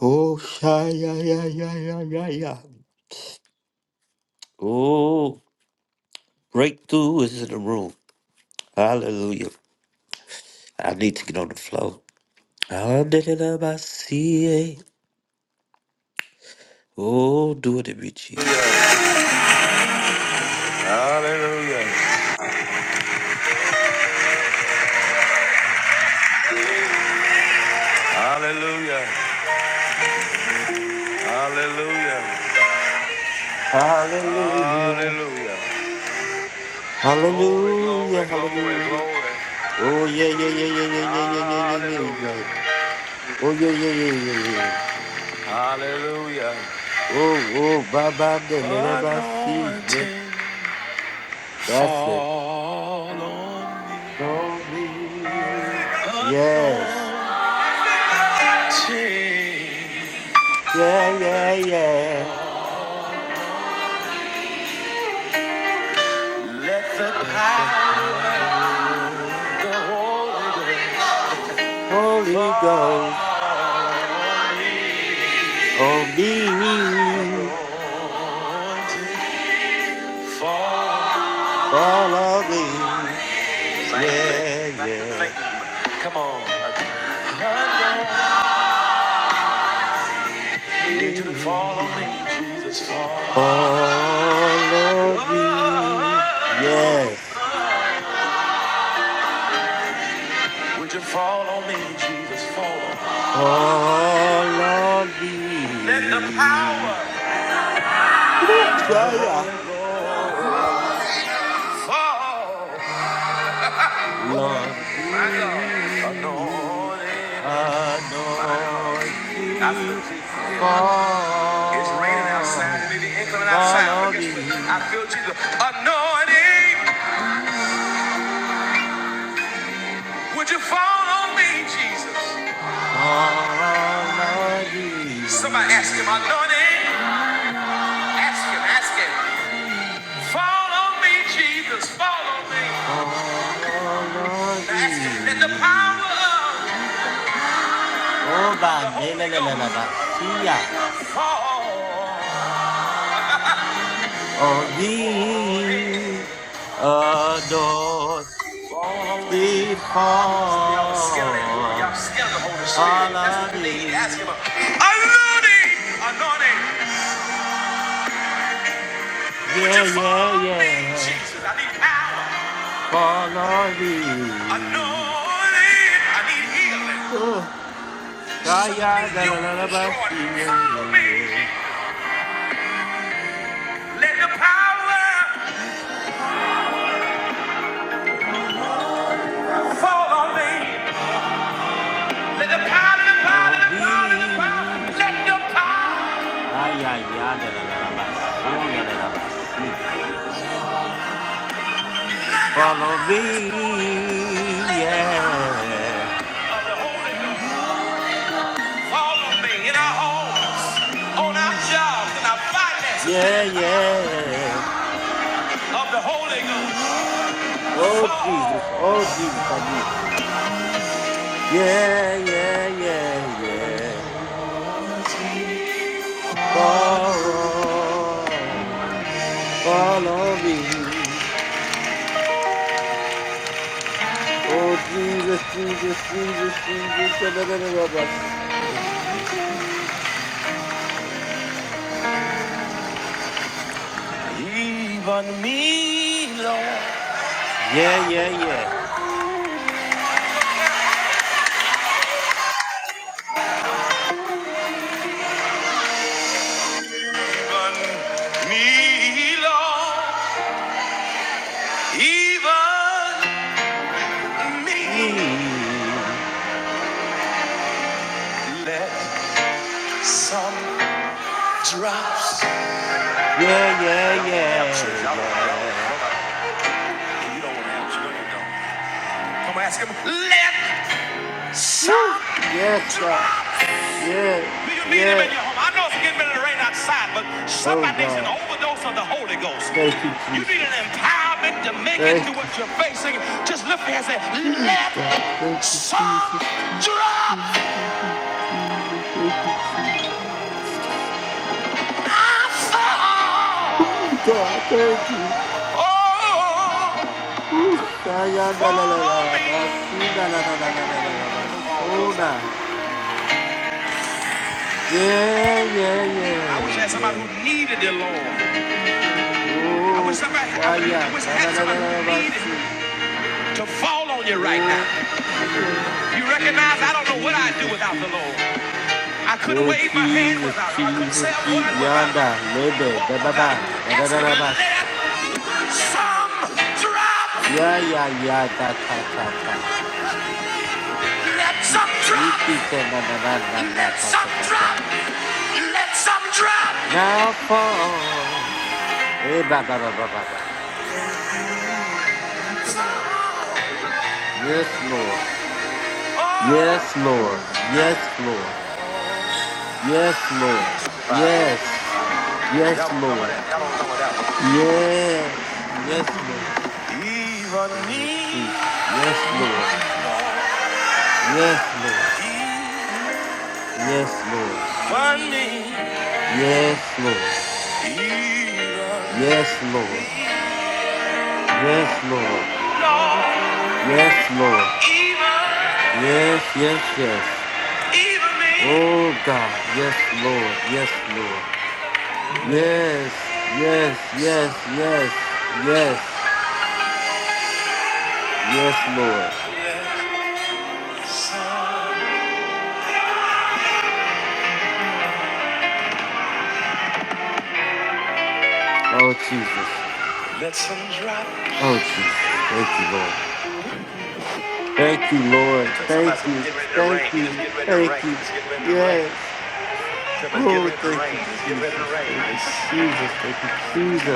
Speaker 1: Oh, shy, yeah, yeah, yeah, yeah, yeah, yeah. Oh, breakthrough is in the room. Hallelujah. I need to get on the flow. Hallelujah. Oh, do it in me, Jesus.
Speaker 2: Hallelujah. Hallelujah. Hallelujah. Hallelujah.
Speaker 1: Hallelujah.
Speaker 2: Hallelujah. Glory, glory,
Speaker 1: Hallelujah,
Speaker 2: glory,
Speaker 1: hallelujah.
Speaker 2: glory.
Speaker 1: Oh yeah, yeah, yeah, yeah, yeah, yeah, yeah, yeah, yeah, yeah,
Speaker 2: Hallelujah.
Speaker 1: yeah. Oh yeah, yeah, yeah, yeah, yeah. yeah.
Speaker 2: Hallelujah.
Speaker 1: Oh, oh, Baba de Nereba see. Yeah,
Speaker 2: Anointing
Speaker 1: that's it.
Speaker 2: fall on me.
Speaker 1: Glory. Yes.
Speaker 2: Anointing.
Speaker 1: Yeah, yeah, yeah.
Speaker 2: Let the
Speaker 1: Let the
Speaker 2: power of
Speaker 1: power of
Speaker 2: the Holy Ghost
Speaker 1: Holy Ghost
Speaker 2: fall on me.
Speaker 1: on me.
Speaker 2: Anointing fall.
Speaker 1: Follow me.
Speaker 2: Same thing.
Speaker 1: Yeah,
Speaker 2: Same thing.
Speaker 1: yeah.
Speaker 2: Come on. I Need you to fall on me, Jesus, fall.
Speaker 1: Follow thee.
Speaker 2: Oh, no.
Speaker 1: Yes.
Speaker 2: Would you fall on me, Jesus, fall?
Speaker 1: Follow
Speaker 2: Let the power
Speaker 1: thee. Woo,
Speaker 2: of the
Speaker 1: Shaya.
Speaker 2: Holy Ghost fall.
Speaker 1: Lord,
Speaker 2: My God.
Speaker 1: we
Speaker 2: Anointing. My God. I feel
Speaker 1: anointed
Speaker 2: Jesus here. It's raining
Speaker 1: fall.
Speaker 2: outside. It may be inclement outside, but
Speaker 1: Follow
Speaker 2: guess what? I
Speaker 1: me.
Speaker 2: feel Jesus. Anointing. Would you fall on me, Jesus?
Speaker 1: Follow
Speaker 2: Somebody ask him,
Speaker 1: thee.
Speaker 2: anointing. Ask him, ask him. Follow me, Jesus, Follow me.
Speaker 1: Follow
Speaker 2: Now ask him, let the
Speaker 1: me.
Speaker 2: power of the Holy Ghost
Speaker 1: Obadelalalabasiya.
Speaker 2: fall.
Speaker 1: Of these adopted
Speaker 2: Fall on me. Some of y'all are scared of that word. Y'all
Speaker 1: fall.
Speaker 2: scared of the Holy Spirit. That's
Speaker 1: Follow
Speaker 2: what you need. Ask him,
Speaker 1: me.
Speaker 2: anointing, anointing. Would you
Speaker 1: Yeah, yeah,
Speaker 2: follow me,
Speaker 1: yeah.
Speaker 2: Jesus? I need power.
Speaker 1: Follow me.
Speaker 2: Anointing. I need healing.
Speaker 1: Oh.
Speaker 2: Some of
Speaker 1: Shaya
Speaker 2: these yokes destroyed.
Speaker 1: dalalabasiya.
Speaker 2: Follow
Speaker 1: Yeah,
Speaker 2: me, Jesus.
Speaker 1: yeah.
Speaker 2: Let the power fall on me. Let the power, the
Speaker 1: yeah,
Speaker 2: power,
Speaker 1: Of
Speaker 2: the power, the power. Let the
Speaker 1: these.
Speaker 2: power
Speaker 1: Ayaya dalalabasunda Labasi. Follow me, yeah,
Speaker 2: fall on me in our home, on our jobs, in our finances. Let
Speaker 1: yeah,
Speaker 2: the power
Speaker 1: yeah.
Speaker 2: of the Holy Ghost
Speaker 1: Oh Jesus,
Speaker 2: fall.
Speaker 1: oh Jesus, I need you. Yeah, yeah, yeah, yeah. Follow, follow me. Oh Jesus, Jesus, Jesus, Jesus. da, da, da, da, da, bus.
Speaker 2: Even me, Lord.
Speaker 1: Yeah, yeah, yeah.
Speaker 2: Even me, Lord. Even me.
Speaker 1: Me,
Speaker 2: Let some drops. Y'all
Speaker 1: yeah, yeah,
Speaker 2: don't want to have church.
Speaker 1: yeah,
Speaker 2: Y'all don't. Y'all don't.
Speaker 1: yeah.
Speaker 2: Nobody. You don't want to have church. Let
Speaker 1: Woo!
Speaker 2: Some
Speaker 1: Yes, God.
Speaker 2: drop. Do
Speaker 1: Yeah,
Speaker 2: you need him
Speaker 1: yeah.
Speaker 2: in your home? I know it's getting ready to rain outside, but
Speaker 1: Oh
Speaker 2: somebody needs an
Speaker 1: God,
Speaker 2: overdose of the Holy Ghost.
Speaker 1: thank you,
Speaker 2: You need an
Speaker 1: Jesus.
Speaker 2: empowerment to make it through
Speaker 1: Thank you,
Speaker 2: what you're facing. Just lift your hands and say,
Speaker 1: Oh, God.
Speaker 2: let
Speaker 1: Thank you,
Speaker 2: some
Speaker 1: Jesus. Thank
Speaker 2: drop.
Speaker 1: you, Jesus. Thank you, Jesus.
Speaker 2: I fall.
Speaker 1: Oh God, thank you. Oh, Shayana la
Speaker 2: Fall
Speaker 1: la la
Speaker 2: on
Speaker 1: la,
Speaker 2: me.
Speaker 1: Basina la la la la la la la, Basona. Yeah, yeah,
Speaker 2: I
Speaker 1: yeah,
Speaker 2: wish I had somebody who
Speaker 1: yeah.
Speaker 2: needed the Lord. I wish
Speaker 1: Oh,
Speaker 2: somebody I, would, I
Speaker 1: Shaya
Speaker 2: wish I
Speaker 1: na
Speaker 2: had
Speaker 1: na na na
Speaker 2: somebody who
Speaker 1: na
Speaker 2: needed
Speaker 1: Basi.
Speaker 2: to fall on you right now.
Speaker 1: Oh, Jesus,
Speaker 2: You recognize I
Speaker 1: Jesus,
Speaker 2: don't know what I'd do
Speaker 1: Jesus,
Speaker 2: without the Lord.
Speaker 1: Jesus.
Speaker 2: I couldn't
Speaker 1: Oh
Speaker 2: wave my hand
Speaker 1: Jesus,
Speaker 2: without him. I couldn't say a
Speaker 1: Jesus, Jesus,
Speaker 2: word without him.
Speaker 1: yada, lebe,
Speaker 2: Walk
Speaker 1: da ba
Speaker 2: without him.
Speaker 1: ba, da da
Speaker 2: Ask
Speaker 1: da
Speaker 2: him,
Speaker 1: da ba
Speaker 2: let
Speaker 1: se.
Speaker 2: some drop.
Speaker 1: Ya ya ya da ta ta ta.
Speaker 2: Let some drop.
Speaker 1: Iki te na na na na na
Speaker 2: Let
Speaker 1: ta ta
Speaker 2: some
Speaker 1: ta ta.
Speaker 2: drop. Let some drop.
Speaker 1: Now fall. Eh ba ba ba ba ba ba. Yes, Lord.
Speaker 2: Oh,
Speaker 1: Yes, Lord. Yes, Lord. Yes, Lord. Yes. Yes, Lord. Yes. Yes, Lord.
Speaker 2: even
Speaker 1: Oh,
Speaker 2: me.
Speaker 1: Jesus. Yes, Lord. Yes, Lord. Yes, Lord.
Speaker 2: Even me.
Speaker 1: Yes, Lord.
Speaker 2: Even me.
Speaker 1: Yes, Lord. Yes, Lord.
Speaker 2: Lord,
Speaker 1: Yes, Lord.
Speaker 2: even,
Speaker 1: Yes, yes, yes.
Speaker 2: even me.
Speaker 1: Oh God. Yes, Lord. Yes, Lord. Yes, yes, yes, yes, yes. Yes, Lord. Oh Jesus. Oh Jesus. Thank you, Lord. Thank you, Lord.
Speaker 2: Somebody's
Speaker 1: Thank
Speaker 2: getting
Speaker 1: you.
Speaker 2: ready to rain.
Speaker 1: Thank
Speaker 2: It's
Speaker 1: you.
Speaker 2: getting ready to
Speaker 1: Thank
Speaker 2: rain. It's
Speaker 1: you.
Speaker 2: getting ready to rain.
Speaker 1: Yes.
Speaker 2: Somebody's getting
Speaker 1: Oh,
Speaker 2: ready to
Speaker 1: thank
Speaker 2: rain.
Speaker 1: you,
Speaker 2: It's getting ready to
Speaker 1: Jesus.
Speaker 2: rain.
Speaker 1: Thank you,
Speaker 2: It's
Speaker 1: Jesus. Thank you,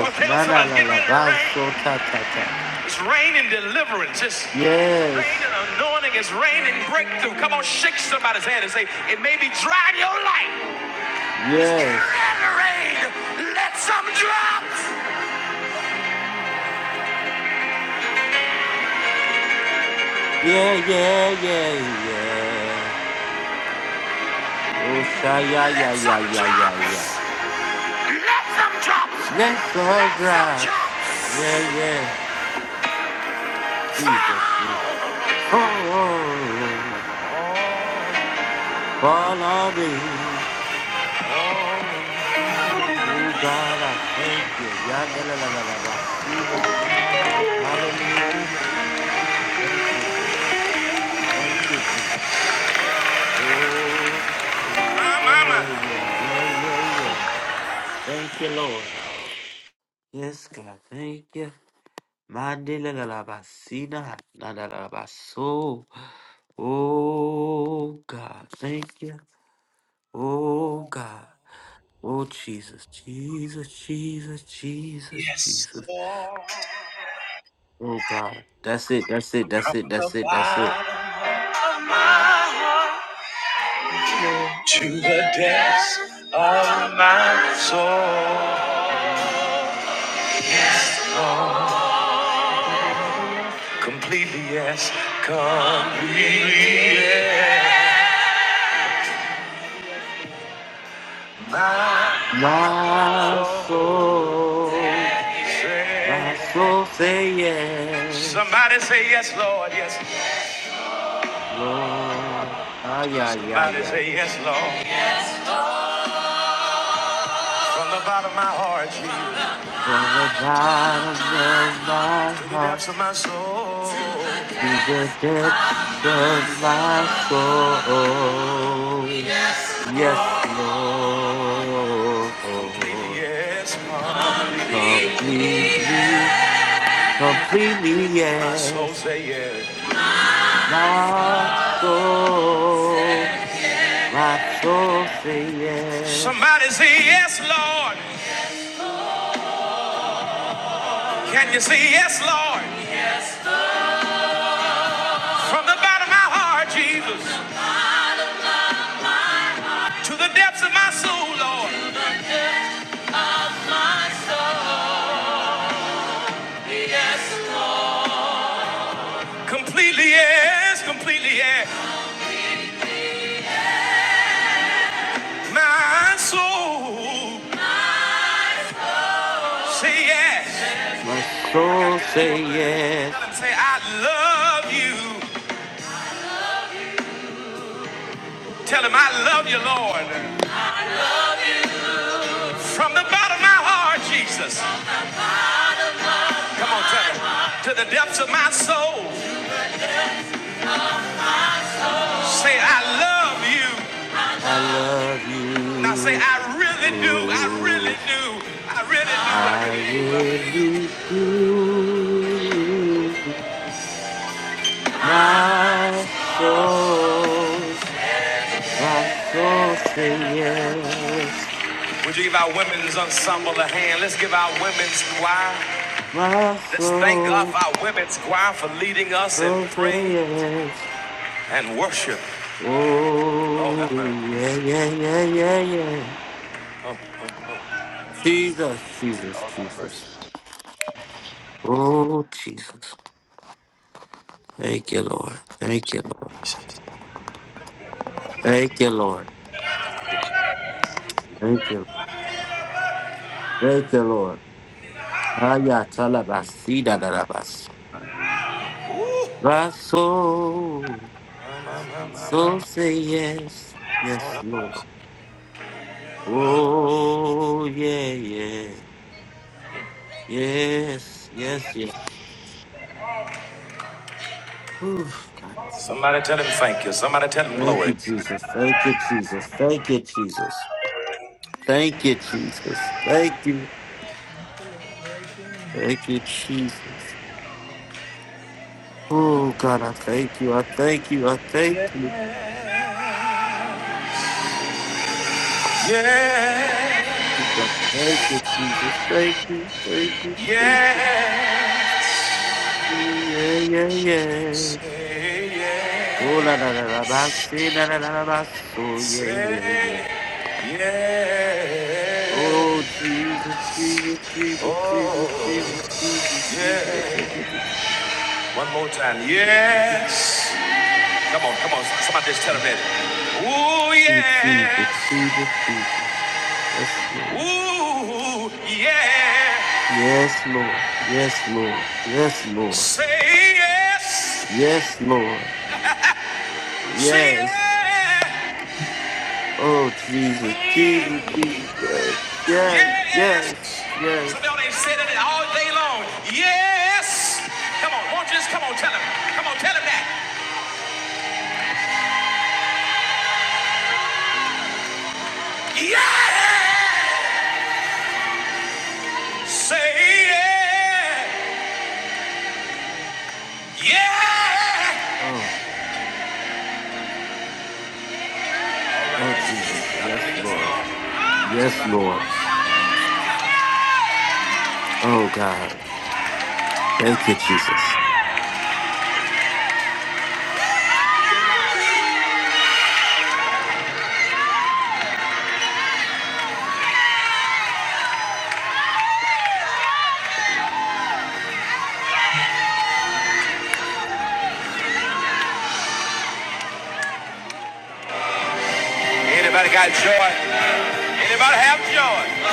Speaker 2: Well, tell
Speaker 1: La la
Speaker 2: somebody,
Speaker 1: la
Speaker 2: get
Speaker 1: la.
Speaker 2: ready to rain.
Speaker 1: Baso ta ta ta.
Speaker 2: It's raining deliverance. It's
Speaker 1: Yes.
Speaker 2: raining anointing. It's raining breakthrough. Come on, shake somebody's hand and say, it may be dry in your life. It's get
Speaker 1: Yes.
Speaker 2: ready to rain. Let some drops.
Speaker 1: Yeah, yeah, yeah, yeah. Oh, sha, yeah, yeah,
Speaker 2: Let
Speaker 1: yeah,
Speaker 2: some
Speaker 1: yeah, yeah, yeah.
Speaker 2: drops. Let some drops.
Speaker 1: Let's all
Speaker 2: Let some
Speaker 1: drops. Yeah,
Speaker 2: drops.
Speaker 1: yeah. Jesus. yeah.
Speaker 2: Fall.
Speaker 1: Oh, fall on me. Oh, God, I thank you. Yada la la la la. Basina. Hallelujah. Thank you, Jesus. Thank you, Jesus. Oh, yeah, yeah, yeah, yeah, yeah. Thank you, Lord. Yes, God. Thank you. Mandela la la basina, la la la baso. Oh, God. Thank you. Oh, God. Oh, Jesus, Jesus, Jesus, Jesus,
Speaker 2: Yes.
Speaker 1: Jesus. Oh, God. That's it. That's it. That's it. That's it. That's it.
Speaker 2: To the depths of my soul. Completely yes. Completely yes. My
Speaker 1: My
Speaker 2: soul
Speaker 1: soul. My
Speaker 2: says-
Speaker 1: soul say yes,
Speaker 2: Somebody say yes, Lord, yes.
Speaker 1: Lord. Ah, yeah, yeah,
Speaker 2: Somebody
Speaker 1: yeah,
Speaker 2: say
Speaker 1: yeah.
Speaker 2: yes, Lord. From the bottom of my heart, Jesus,
Speaker 1: From the bottom of my
Speaker 2: to the
Speaker 1: heart
Speaker 2: depths of my soul,
Speaker 1: to the depths of my soul. Yes,
Speaker 2: completely
Speaker 1: Lord.
Speaker 2: yes, Lord.
Speaker 1: Completely, completely,
Speaker 2: My soul
Speaker 1: yes.
Speaker 2: say yes.
Speaker 1: My soul, my soul say yes.
Speaker 2: Somebody say, Lord, Lord, from the bottom of my heart, Jesus, to the depths of my soul, Lord, completely yes, completely yes. My soul say yes.
Speaker 1: My soul say
Speaker 2: Tell
Speaker 1: yes,
Speaker 2: him, say, I love you. Tell him, I love you, Lord. From the bottom of my heart, Jesus. Come on, tell me. To the depths of my soul. Say, I love you.
Speaker 1: I love
Speaker 2: Now say,
Speaker 1: you.
Speaker 2: I really do. I really do. I really do. I
Speaker 1: I
Speaker 2: really do love you.
Speaker 1: really do. My soul, my soul say yes.
Speaker 2: Would you give our women's ensemble a hand? Let's give our women's choir.
Speaker 1: My
Speaker 2: Let's thank God
Speaker 1: soul,
Speaker 2: for our women's choir for leading us in
Speaker 1: soul
Speaker 2: pray
Speaker 1: say yes.
Speaker 2: and worship. Oh,
Speaker 1: Oh,
Speaker 2: that man.
Speaker 1: yeah, yeah, yeah, yeah, yeah. Jesus, Jesus, Jesus. Oh, Jesus. Thank you, Lord. Thank you, Lord. Thank you, Lord. Thank you. Thank you, Lord. Aya talabasi da da da bas. My soul, so say yes, yes, Lord. Oh yeah, yeah, yes, yes, yes. Oof, God, I see.
Speaker 2: Somebody tell him thank you. Somebody tell him
Speaker 1: Thank
Speaker 2: glory.
Speaker 1: you, Jesus. Thank you, Jesus. Thank you, Jesus. Thank you, Jesus. Thank you. Thank you, Jesus. Oh God, I thank you. I thank you. I thank
Speaker 2: Yeah.
Speaker 1: you.
Speaker 2: Yeah.
Speaker 1: Jesus. Thank you, Jesus. Thank you, thank you, thank
Speaker 2: Yeah.
Speaker 1: you. Yeah, yeah, yeah.
Speaker 2: Say
Speaker 1: Oh, la,
Speaker 2: yeah,
Speaker 1: la, la, la, ba, si, la, la, la, la, ba, so, yeah, yeah, yeah.
Speaker 2: say yeah,
Speaker 1: Oh, Jesus, Jesus, Jesus,
Speaker 2: oh
Speaker 1: Jesus, Jesus, Jesus, Jesus.
Speaker 2: yeah.
Speaker 1: Jesus,
Speaker 2: One more time, yes. Come on, come on. Somebody just tell him that. Ooh
Speaker 1: Jesus,
Speaker 2: yes,
Speaker 1: Jesus, Jesus. Yes, Lord.
Speaker 2: ooh yeah.
Speaker 1: Yes, Lord. Yes, Lord. Yes, Lord.
Speaker 2: Say yes,
Speaker 1: Yes, Lord.
Speaker 2: say
Speaker 1: Yes.
Speaker 2: yeah,
Speaker 1: Oh Jesus, Jesus, Jesus. Yes, yes,
Speaker 2: yes.
Speaker 1: yes.
Speaker 2: Some
Speaker 1: yes.
Speaker 2: of y'all ain't said it all day long. Yes. Come on, won't you just come on, tell him. Come on, tell him that. Yeah! Say yeah! Yeah!
Speaker 1: Oh, oh Jesus. Yes, Lord. Yes, Lord. Oh God. Thank you, Jesus.
Speaker 2: Anybody got joy? Anybody have joy?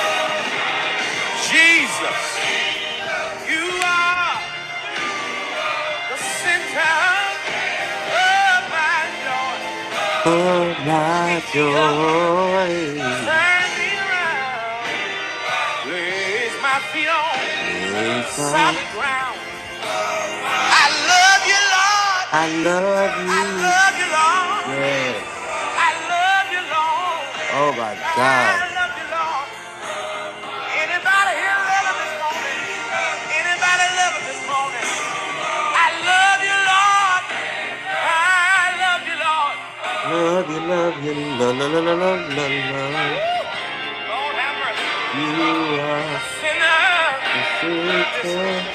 Speaker 2: Jesus, you are the center of my joy.
Speaker 1: Oh my joy.
Speaker 2: Turn me around. Place my feet on
Speaker 1: Is mine.
Speaker 2: solid ground. I love you, Lord.
Speaker 1: I love
Speaker 2: I
Speaker 1: you.
Speaker 2: love you, Lord.
Speaker 1: Yes.
Speaker 2: I love you, Lord.
Speaker 1: Oh my God.
Speaker 2: I love you, Lord. Anybody here love him this morning? Anybody love him this morning? I love you, Lord. I love you, Lord.
Speaker 1: Love you, love you, love, love, love, love, love, love.
Speaker 2: Lord have mercy.
Speaker 1: You are
Speaker 2: Sinner,
Speaker 1: the center.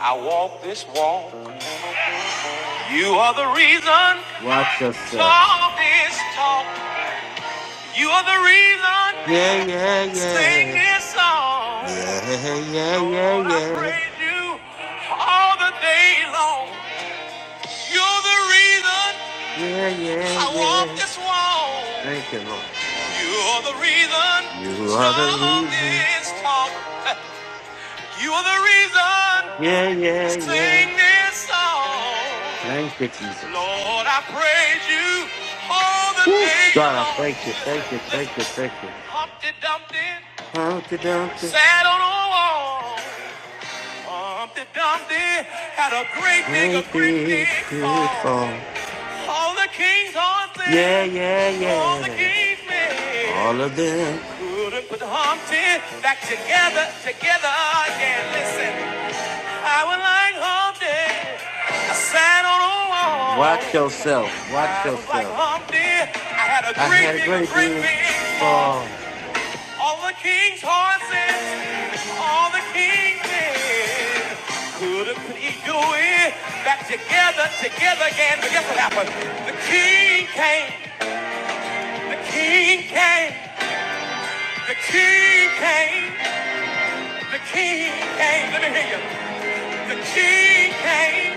Speaker 2: I walk this walk. You are the reason.
Speaker 1: Watch yourself.
Speaker 2: Talk this talk. You are the reason.
Speaker 1: Yeah, yeah,
Speaker 2: Sing
Speaker 1: yeah.
Speaker 2: this song.
Speaker 1: Yeah, yeah, yeah,
Speaker 2: Lord, I
Speaker 1: yeah.
Speaker 2: praise you all the day long. You're the reason
Speaker 1: Yeah, yeah,
Speaker 2: I walk
Speaker 1: yeah.
Speaker 2: this walk.
Speaker 1: Thank you, Lord.
Speaker 2: You're the reason
Speaker 1: You are the
Speaker 2: strong
Speaker 1: reason.
Speaker 2: is taught. You're the reason
Speaker 1: Yeah, yeah, yeah.
Speaker 2: sing this song.
Speaker 1: Thank you, Jesus.
Speaker 2: Lord, I praise you all the
Speaker 1: Woo.
Speaker 2: day
Speaker 1: God, I
Speaker 2: long.
Speaker 1: thank you, thank you, thank you, thank you.
Speaker 2: Humpty Dumpty
Speaker 1: How the doctors
Speaker 2: sat on a wall. Humpty Dumpty had a great big, a
Speaker 1: might
Speaker 2: great
Speaker 1: be
Speaker 2: big fall.
Speaker 1: grateful.
Speaker 2: All the king's
Speaker 1: Yeah,
Speaker 2: horses,
Speaker 1: yeah,
Speaker 2: all the
Speaker 1: yeah.
Speaker 2: king's men
Speaker 1: All of them.
Speaker 2: couldn't put Humpty back together, together again. Listen. I was like Humpty, I sat on a wall.
Speaker 1: Watch yourself. Watch
Speaker 2: I was like
Speaker 1: yourself.
Speaker 2: Humpty, I had a
Speaker 1: I
Speaker 2: great
Speaker 1: had a
Speaker 2: big, a
Speaker 1: great
Speaker 2: great
Speaker 1: big
Speaker 2: big fall.
Speaker 1: fall.
Speaker 2: All the king's horses, all the king's men. Couldn't he do it? Back together, together again. But guess what happened? The king came. The king came. The king came. The king came. Let me hear you. The king came.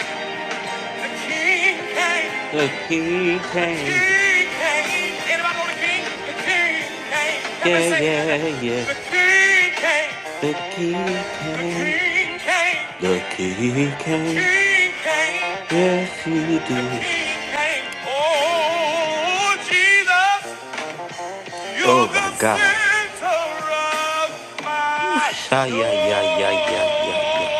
Speaker 2: The king came.
Speaker 1: The king
Speaker 2: The
Speaker 1: came.
Speaker 2: king came. Anybody know the king? The king came. Help me
Speaker 1: Yeah,
Speaker 2: say it.
Speaker 1: yeah, yeah.
Speaker 2: The king came.
Speaker 1: The key
Speaker 2: The
Speaker 1: came.
Speaker 2: king came.
Speaker 1: The key
Speaker 2: The
Speaker 1: came.
Speaker 2: king came.
Speaker 1: Yes, he
Speaker 2: The
Speaker 1: did.
Speaker 2: king came. Oh, Jesus,
Speaker 1: Oh
Speaker 2: you're
Speaker 1: my
Speaker 2: the
Speaker 1: gosh.
Speaker 2: center of my
Speaker 1: Whoosh. Ah, yeah,
Speaker 2: joy.
Speaker 1: yeah, yeah, yeah, yeah, yeah.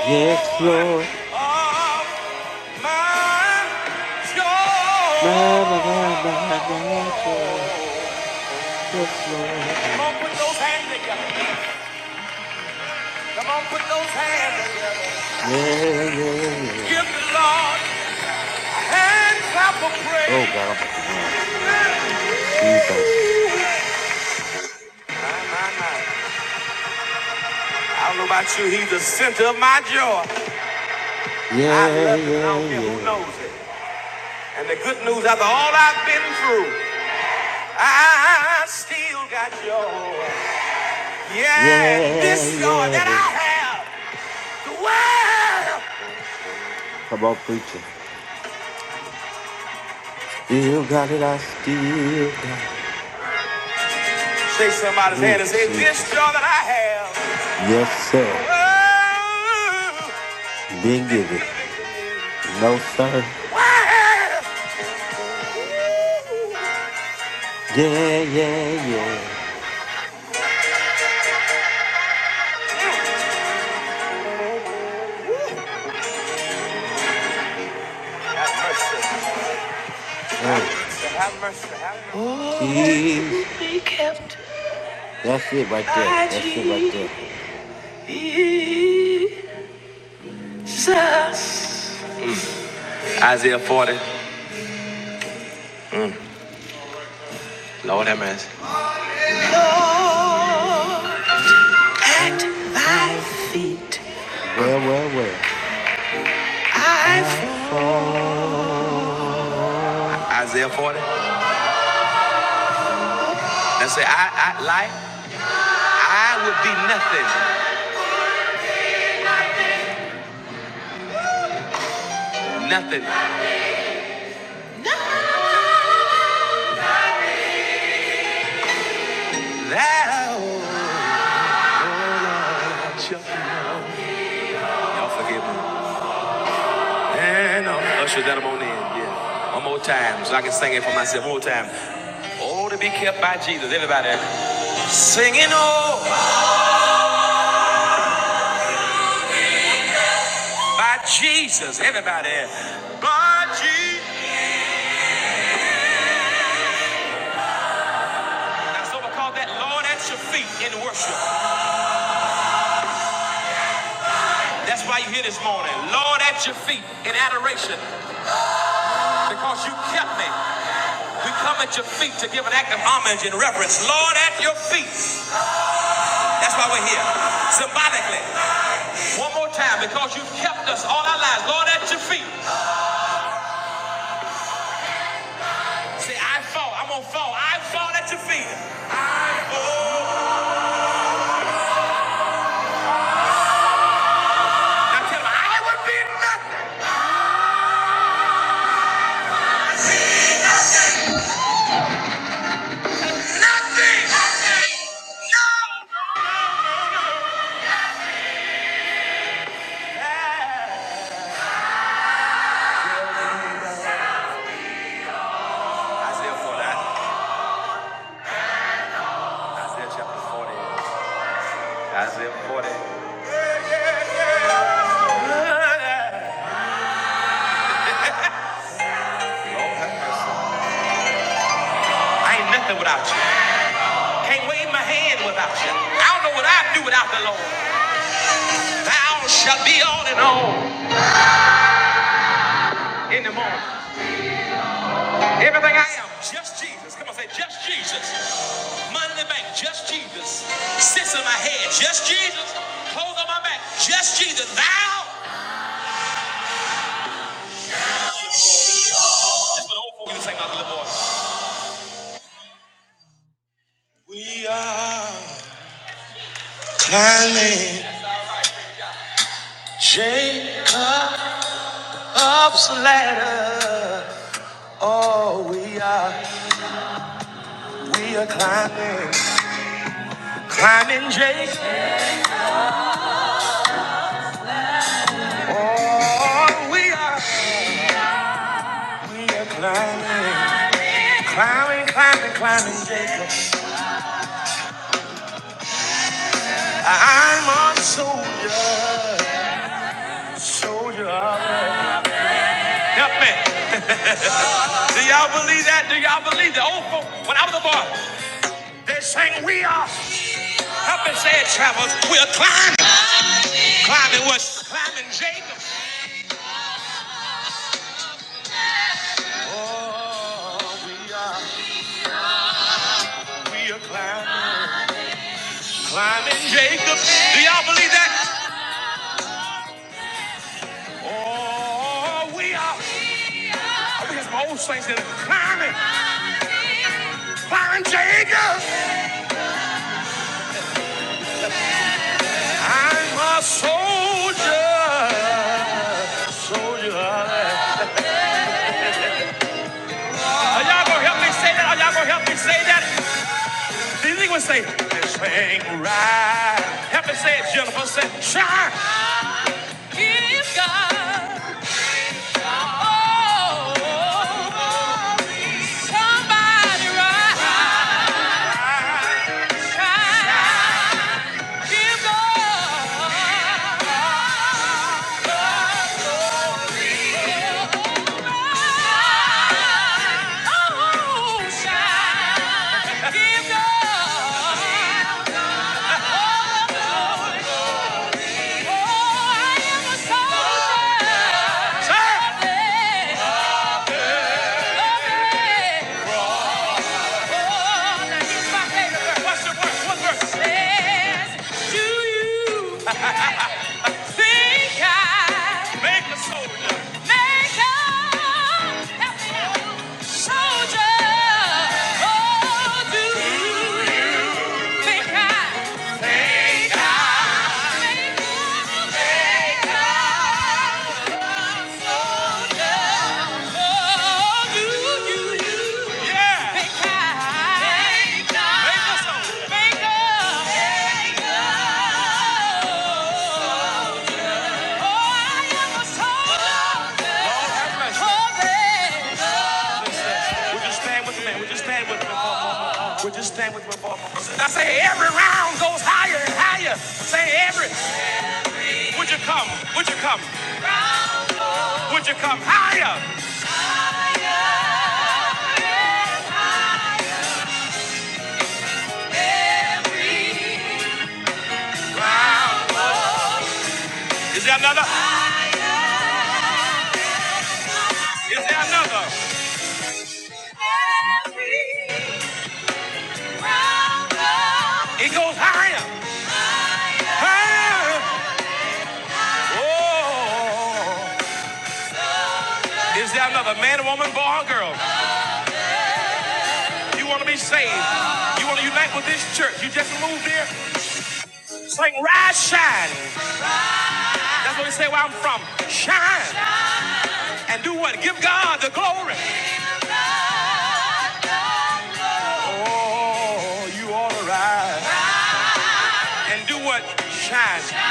Speaker 1: Yes, Lord.
Speaker 2: Oh, Come
Speaker 1: My, my, my, my, my joy. Yes, Lord. Yeah.
Speaker 2: on, put those hands together. Come on, put those hands
Speaker 1: Yeah, yeah, yeah.
Speaker 2: Give the Lord a hand clap of
Speaker 1: Oh
Speaker 2: praise.
Speaker 1: God, I'm about to run. Jesus.
Speaker 2: I don't know about you, he's the center of my joy. I
Speaker 1: Yeah,
Speaker 2: love him, and I
Speaker 1: yeah,
Speaker 2: don't care who
Speaker 1: yeah.
Speaker 2: knows it. And the good news, after all I've been through, I still got joy. Yeah, and
Speaker 1: Yeah,
Speaker 2: this joy that
Speaker 1: yeah.
Speaker 2: I have, the world.
Speaker 1: Come on, preacher. Still got it. I still got it.
Speaker 2: Shake somebody's hand
Speaker 1: Ooh,
Speaker 2: and say, This joy
Speaker 1: Jesus.
Speaker 2: that I have.
Speaker 1: Yes, sir.
Speaker 2: Oh,
Speaker 1: Then
Speaker 2: been
Speaker 1: give it.
Speaker 2: given
Speaker 1: No, sir. Yeah, yeah, yeah.
Speaker 2: to me. Have mercy. Have
Speaker 1: Oh,
Speaker 2: mercy. Have mercy. Have
Speaker 1: jeez. That's it right there. That's it right there.
Speaker 2: mercy. Isaiah 40. Lord have mercy.
Speaker 1: At thy feet. Well, well, well. I fall.
Speaker 2: Isaiah 40. Let's say, I, I, like, I would be nothing. Nothing. Thou, oh Lord, shalt know. Y'all forgive me. And I'll usher that I'm on in. Yeah. One more time so I can sing it for myself. One more time. Oh, the singing. Oh. By Jesus, everybody. By Jesus. That's what we call that Lord at your feet in worship. That's why you're here this morning. Lord at your feet in adoration. Because you kept me. We come at your feet to Lord at symbolically. One more time. It kept us. Say, I fall. I'm gonna fall. I I say no. Yeah. Isaiah 40. Isaiah chapter 40. Isaiah 40. Yeah, yeah, yeah. I ain't nothing without you. Can't wave my hand without you. I don't know what I'd do without the Lord. Thou shalt be all in all. I am just Jesus. Come on, say just Jesus. Money in the bank, just Jesus. Sits in my head, just Jesus. Clothes on my back, just Jesus. Thou. That's what the old folks used to sing about the little boy. In Jacob, oh, we are. We are climbing, climbing, climbing, climbing, Jacob. I'm a soldier, soldier of love. Help me. Do y'all believe that? Do y'all believe that? old folk, when I was a boy, they sang, We are up and said, travelers, we are climbing. Climbing was. Oh, we are, we are climbing. Do you believe that? Oh, we are. I think it's my old saints that are climbing. Climbing Jacob. I'm a soldier. Soldier. Are y'all gonna help me say that? Are y'all gonna help me say that? Did anyone say, this ain't right? Help me say it, Jennifer. Say, try. I'm a soldier. Yeah. Oh, now here's my favorite verse. Says, Do you think I make up? Help me out. Soldier. Oh, do you think I- Would you stand with me? man? Would you stand with me? Would you stand with me for I say every round goes high. Would you come? Would you come? Would you come higher? Is there another? Is there another? It goes higher. Higher. Oh. Is there another man, woman, boy, or girl? You want to be saved. You want to unite with this church. You just moved here. Sing, rise, shine. That's what we say where I'm from. Shine. And do what? Give God the glory. Oh, you ought to rise. And do what? Shine.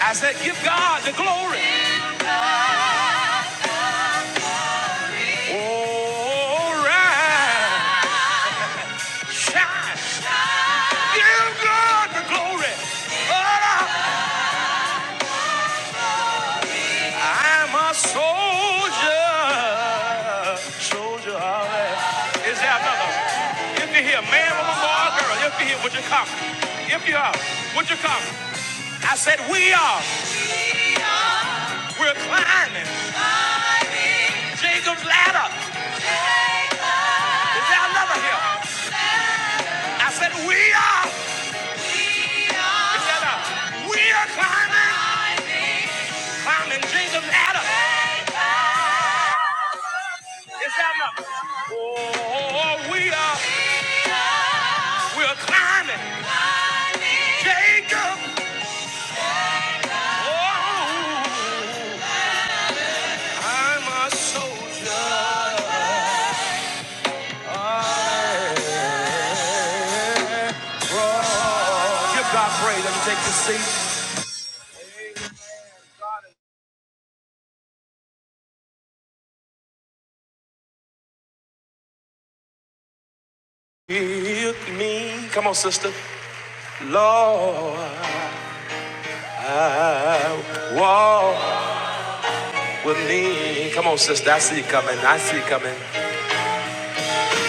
Speaker 2: I said, give God the glory. All right. Shine. Give God the glory. I'm a soldier. Soldier. all right. Is there another? If you're here, man, woman, boy, or girl, if you're here, would you come? If you are, would you come? I said, we are. We're climbing Jacob's ladder. Is there another here? I said, we are. Is that a we in Jacob's ladder? Oh, we are. We're climbing. Jacob, I'm a soldier. Give God praise. Let me take this seat. Heal me. Come on, sister. Lord, I walk with me. Come on, sister. I see you coming. I see you coming.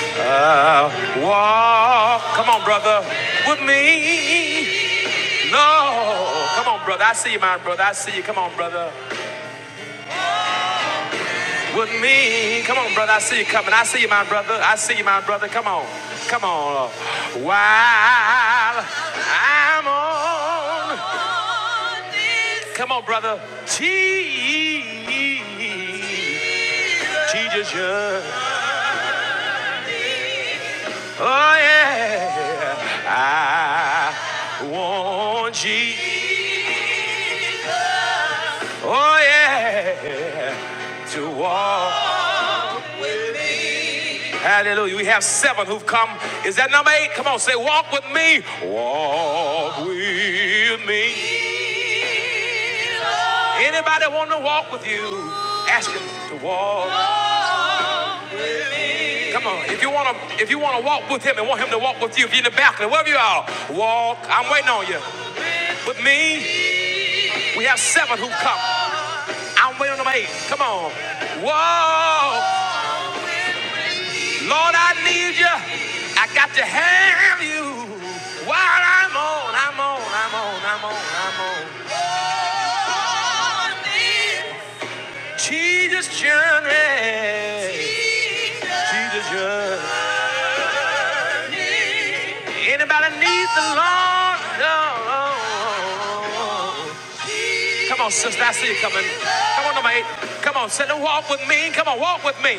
Speaker 2: I walk. Come on, brother. With me. Lord. Come on, brother. I see you, my brother. I see you. Come on, brother. with me. Come on, brother. I see you coming. I see you, my brother. I see you, my brother. Come on. Come on. While I'm on. Come on, brother. Jesus. yeah. Oh, yeah. I want Jesus. Oh, yeah. To walk. Hallelujah. We have seven who've come. Is that number eight? Come on, say, walk with me. Walk with me. Anybody want to walk with you? Ask him to walk. Come on. If you want to, if you want to walk with him and want him to walk with you, if you're in the balcony, wherever you are, walk. I'm waiting on you. With me, we have seven who've come. I'm waiting on number eight. Come on. Walk. Lord, I need you. I got to have you. While I'm on, I'm on, I'm on, I'm on, I'm on. Jesus journey. Jesus journey. Anybody needs the Lord? Oh. Come on, sister, I see you coming. Come on, number eight. Come on, sit and walk with me. Come on, walk with me.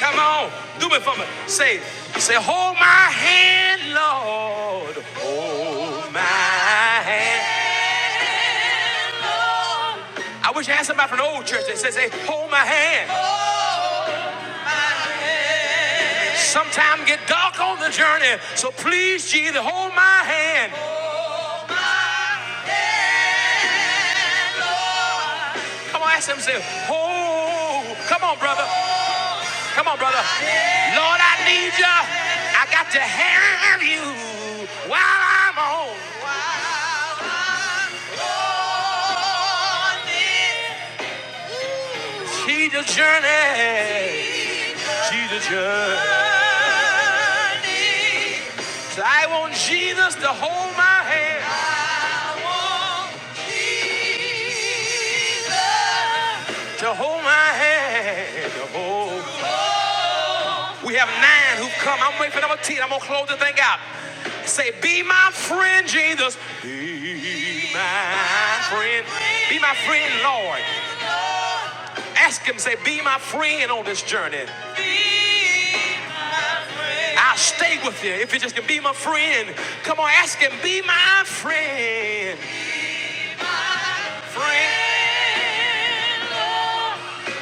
Speaker 2: Come on, do it for me. Say, say, hold my hand, Lord. Hold my hand. I wish I had somebody from the old church that says, hey, hold my hand. Sometime get dark on the journey. So please, Jesus, hold my hand. Come on, ask him, say, hold. Come on, brother. Come on, brother. Lord, I need you. I got to have you while I'm on Jesus' journey. Jesus' journey. So I want Jesus to hold my hand. To hold my hand, to hold. We have nine who've come. I'm waiting for number ten. I'm gonna close the thing out. Say, be my friend, Jesus. Be my friend. Be my friend, Lord. Ask him, say, be my friend on this journey. I'll stay with you if you just can be my friend. Come on, ask him, be my friend. Friend.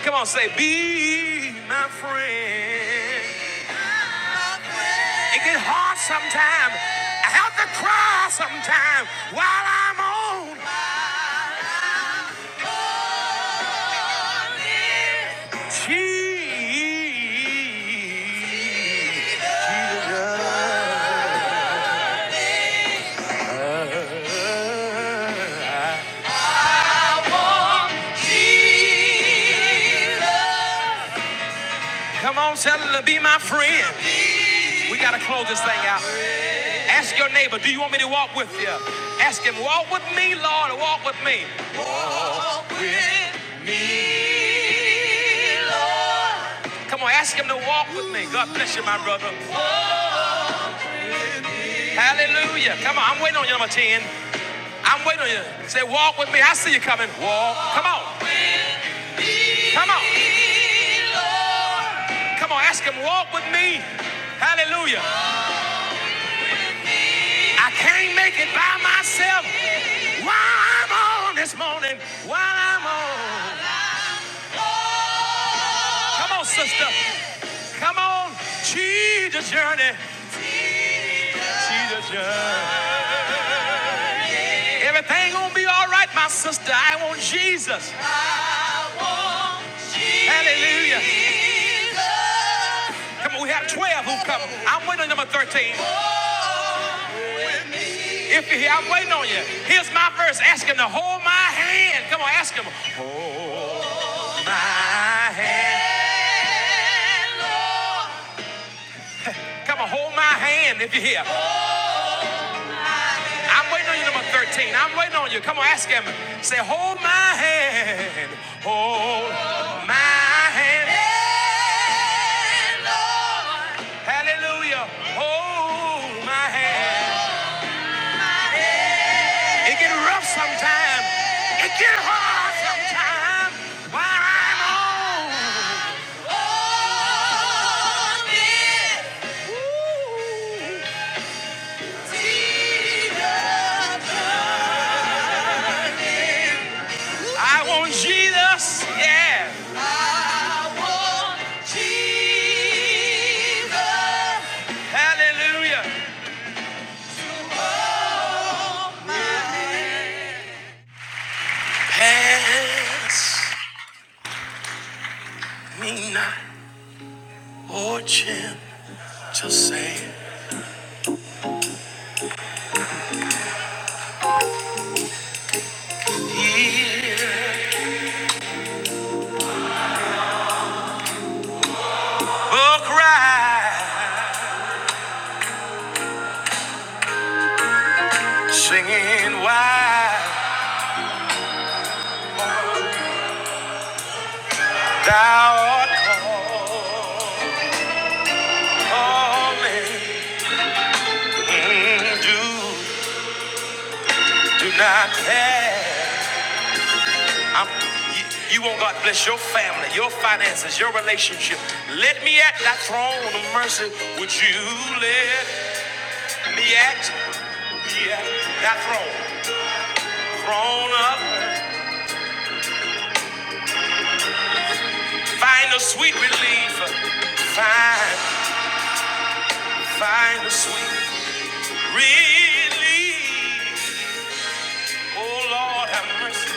Speaker 2: Come on, say, be my friend. It get hard sometimes. I have to cry sometimes while I'm on my Jesus. Come on, tell her to be my friend. We gotta close this thing out. Ask your neighbor, do you want me to walk with you? Ask him, walk with me, Lord, walk with me. Come on, ask him to walk with me. God bless you, my brother. Hallelujah. Come on, I'm waiting on you, number 10. I'm waiting on you. Say, walk with me. I see you coming. Walk. Come on. Come on. Come on, ask him, walk with me. Hallelujah. I can't make it by myself. While I'm on this morning, while I'm on. Come on, sister. Come on, Jesus journey. Everything gonna be all right, my sister. I want Jesus. Hallelujah. Come on, we have 12 who come. I'm waiting on number 13. If you're here, I'm waiting on you. Here's my verse. Ask him to hold my hand. Come on, ask him. My hand. Come on, hold my hand if you're here. I'm waiting on you, number 13. I'm waiting on you. Come on, ask him. Say, hold my hand. Hold my hand. Hallelujah. Hold my hand. It get rough sometimes. It get hard sometimes. While I'm on, I want Jesus. Yeah. Hallelujah. Pass me not, oh Jim, just say here. Oh, cry, singing why thou art calling. Mm, do do not pass. I'm, you, you want God to bless your family, your finances, your relationship. Let me at that throne of mercy. Would you let me at, me at that throne? Throne up. Find a sweet relief. Find, find a sweet relief. Oh Lord, have mercy.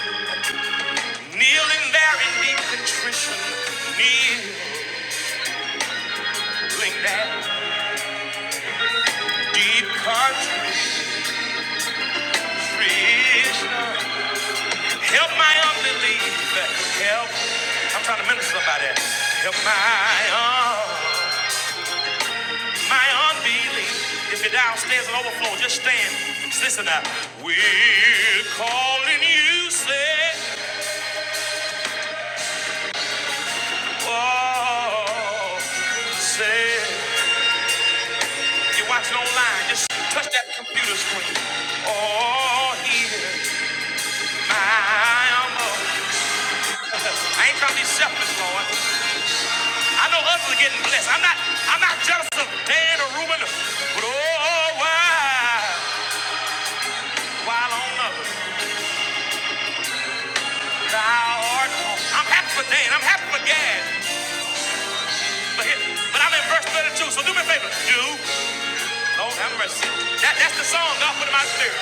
Speaker 2: Kneeling there in deep contrition. Kneeling there in deep contrition. Help my unbelief. Help. I'm trying to minister somebody. Help my un- my unbelief. If you're downstairs and overflow, just stand. Just listen up. We're calling you, say, oh, say. You're watching online. Just touch that computer screen. Oh, here, my humble. I ain't trying to be selfish, Lord. I know others are getting blessed. I'm not I'm not jealous of Dan or Reuben, but oh oh, why while on others thou art I'm happy for Dan, I'm happy for Gad. But here, but I'm in verse 32, so do me a favor. Do Lord have mercy. That, that's the song God put in my spirit.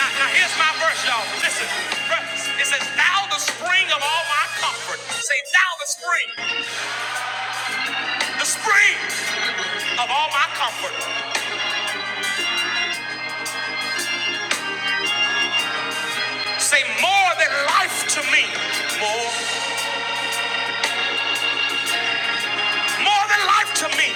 Speaker 2: Now, now here's my verse, y'all. Listen, verse- it says, Thou the spring of all my comfort. Say, Thou the spring, the spring of all my comfort. Say, More than life to me. More, more than life to me.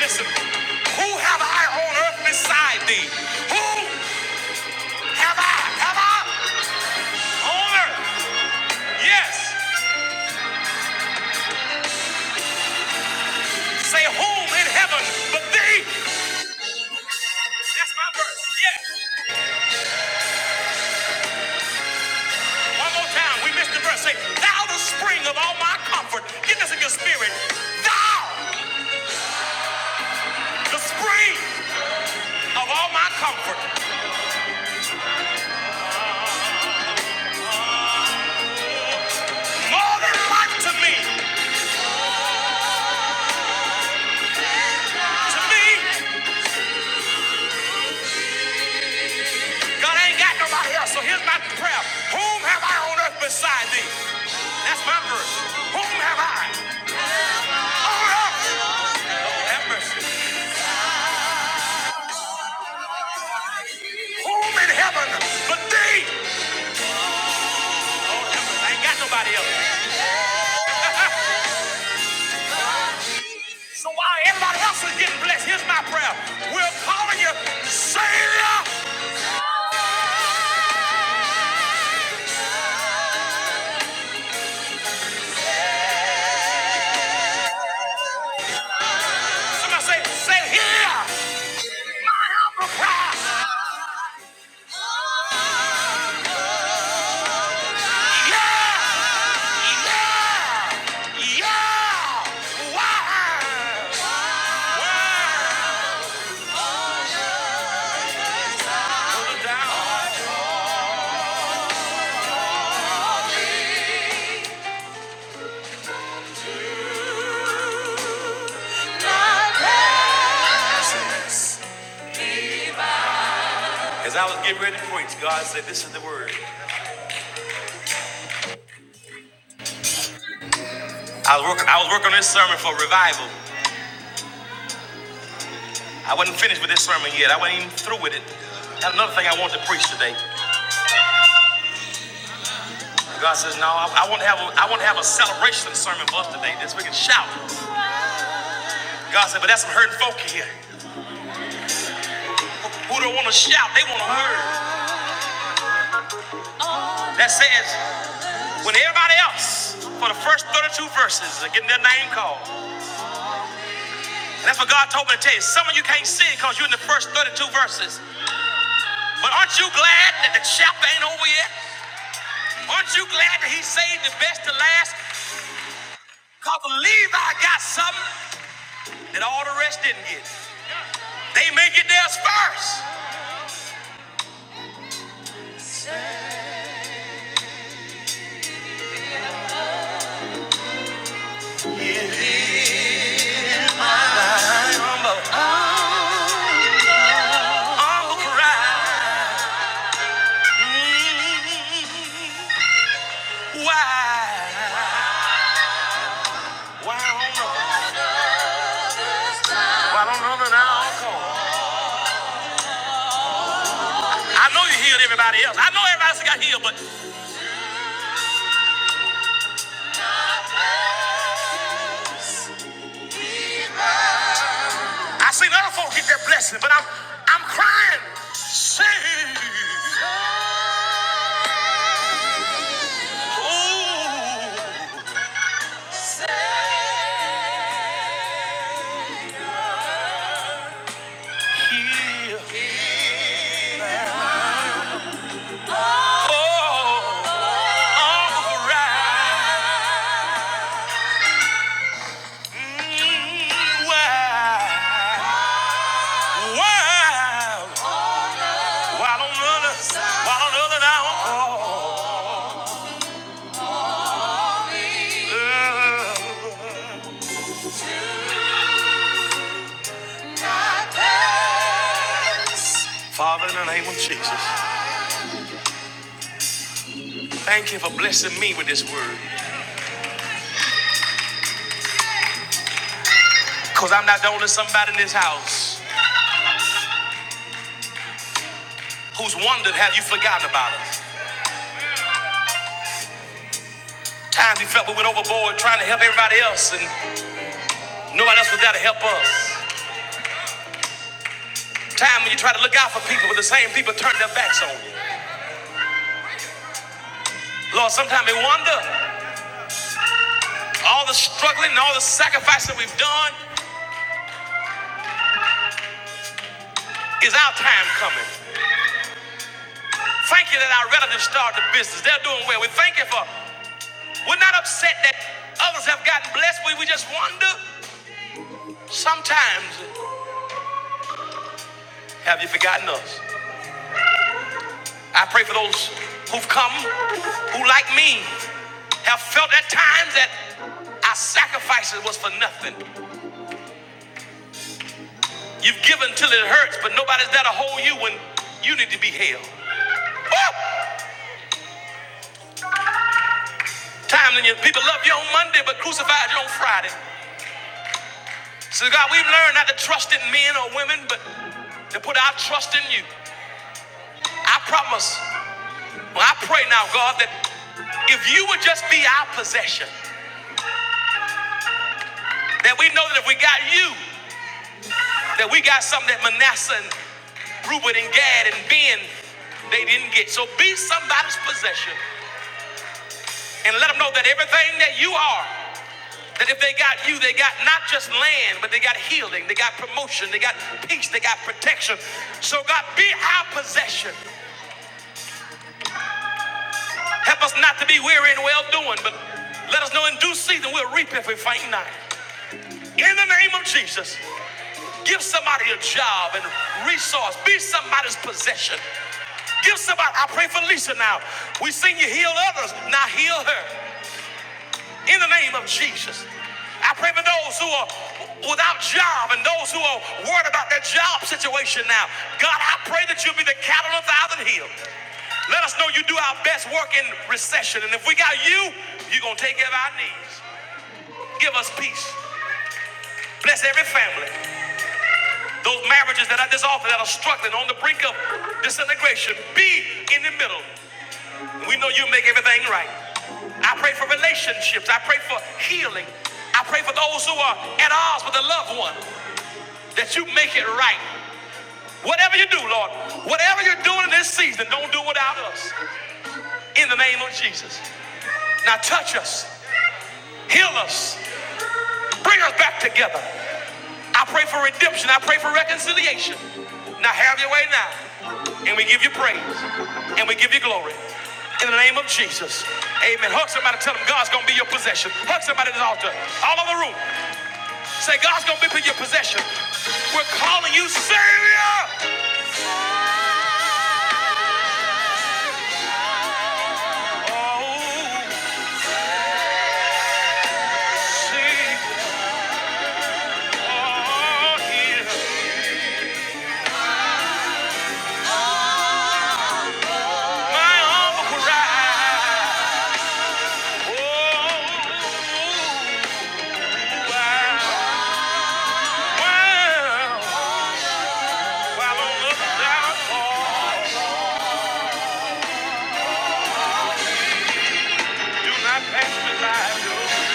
Speaker 2: Listen, who have I on earth beside thee? Who have I? Have I on earth? Yes. Say whom in heaven but thee? That's my verse. Yes. One more time. We missed the verse. Say, thou the spring of all my comfort. Get this in your spirit. Thou the spring of all my comfort. More than life to me. To me, God ain't got nobody else. So here's my prayer. Whom have I on earth beside thee? That's my verse. Whom have I? Have Home in heaven, but they Oh, I ain't got nobody else. Everybody else is getting blessed. Here's my prayer. We're calling you Savior. Somebody say, say here. My helper. As I was getting ready to preach, God said, This is the word. I was, working. I was working on this sermon for revival. I wasn't finished with this sermon yet. I wasn't even through with it. Had another thing I wanted to preach today. God says, no, I, I want to have a, I want to have a celebration sermon for us today. This we can shout. God said, but that's some hurting folk here who, who don't want to shout. They want to hurt. That says, when everybody else for the first 32 verses are getting their name called. And that's what God told me to tell you. Some of you can't sing because you're in the first 32 verses. But aren't you glad that the chapter ain't over yet? Aren't you glad that he saved the best to last? Because Levi got something that all the rest didn't get. They may get theirs first. All right. I know you healed everybody else. I know everybody else got healed, but I seen other folks get their blessing, but I'm I'm crying. While on the other, while on the other now. uh-uh. Father, in the name of Jesus, thank you for blessing me with this word. Because I'm not the only somebody in this house who's wondered, have you forgotten about us? Times we felt we went overboard trying to help everybody else, and nobody else was there to help us. Time when you try to look out for people, but the same people turn their backs on you. Lord, sometimes we wonder all the struggling and all the sacrifice that we've done. Is our time coming? Thank you that our relatives started the business. They're doing well. We thank you for. We're not upset that others have gotten blessed. We, we just wonder sometimes, have you forgotten us? I pray for those who've come, who like me, have felt at times that our sacrifices was for nothing. You've given till it hurts, but nobody's there to hold you when you need to be held. Woo! Time when you, people love you on Monday but crucified you on Friday. So, God, we've learned not to trust in men or women, but to put our trust in you. I promise, well, I pray now, God, that if you would just be our possession, that we know that if we got you, that we got something that Manasseh and Reuben and Gad and Ben, they didn't get. So be somebody's possession and let them know that everything that you are, that if they got you, they got not just land, but they got healing, they got promotion, they got peace, they got protection. So God, be our possession. Help us not to be weary in well doing, but let us know in due season we'll reap if we faint not. In the name of Jesus, give somebody a job and resource. Be somebody's possession. Give somebody, I pray for Lisa now. We seen you heal others, now heal her. In the name of Jesus, I pray for those who are without job and those who are worried about their job situation now. God, I pray that you'll be the cattle on a thousand hills. Let us know you do our best work in recession. And if we got you, you're going to take care of our needs. Give us peace. Bless every family. Those marriages that are dissolving, that are struggling on the brink of disintegration, be in the middle. We know you make everything right. I pray for relationships. I pray for healing. I pray for those who are at odds with a loved one that you make it right. Whatever you do, Lord, whatever you're doing in this season, don't do without us. In the name of Jesus. Now touch us, heal us, Bring us back together. I pray for redemption. I pray for reconciliation. Now have your way now. And we give you praise. And we give you glory. In the name of Jesus. Amen. Hug somebody. Tell them God's going to be your possession. Hug somebody at the altar. All over the room. Say, God's going to be your possession. We're calling you Savior. Oh, Savior, hear my humble cry. Oh, wow, wow. I don't look do not pass me by. no.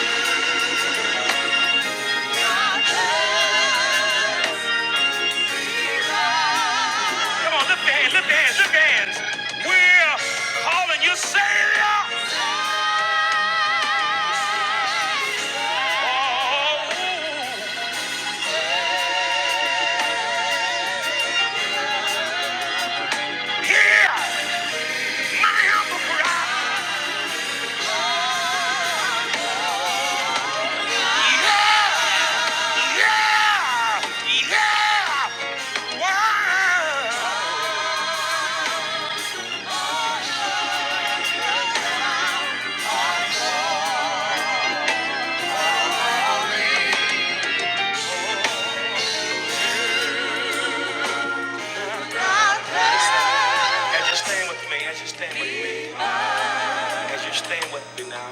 Speaker 2: Come on, lift your hands, lift your hands, lift your hands. We're calling you Savior. Oh, hear my humble cry. Yeah, yeah, yeah. Wow. As you stand with me, as you stand with me, as you stand with me now.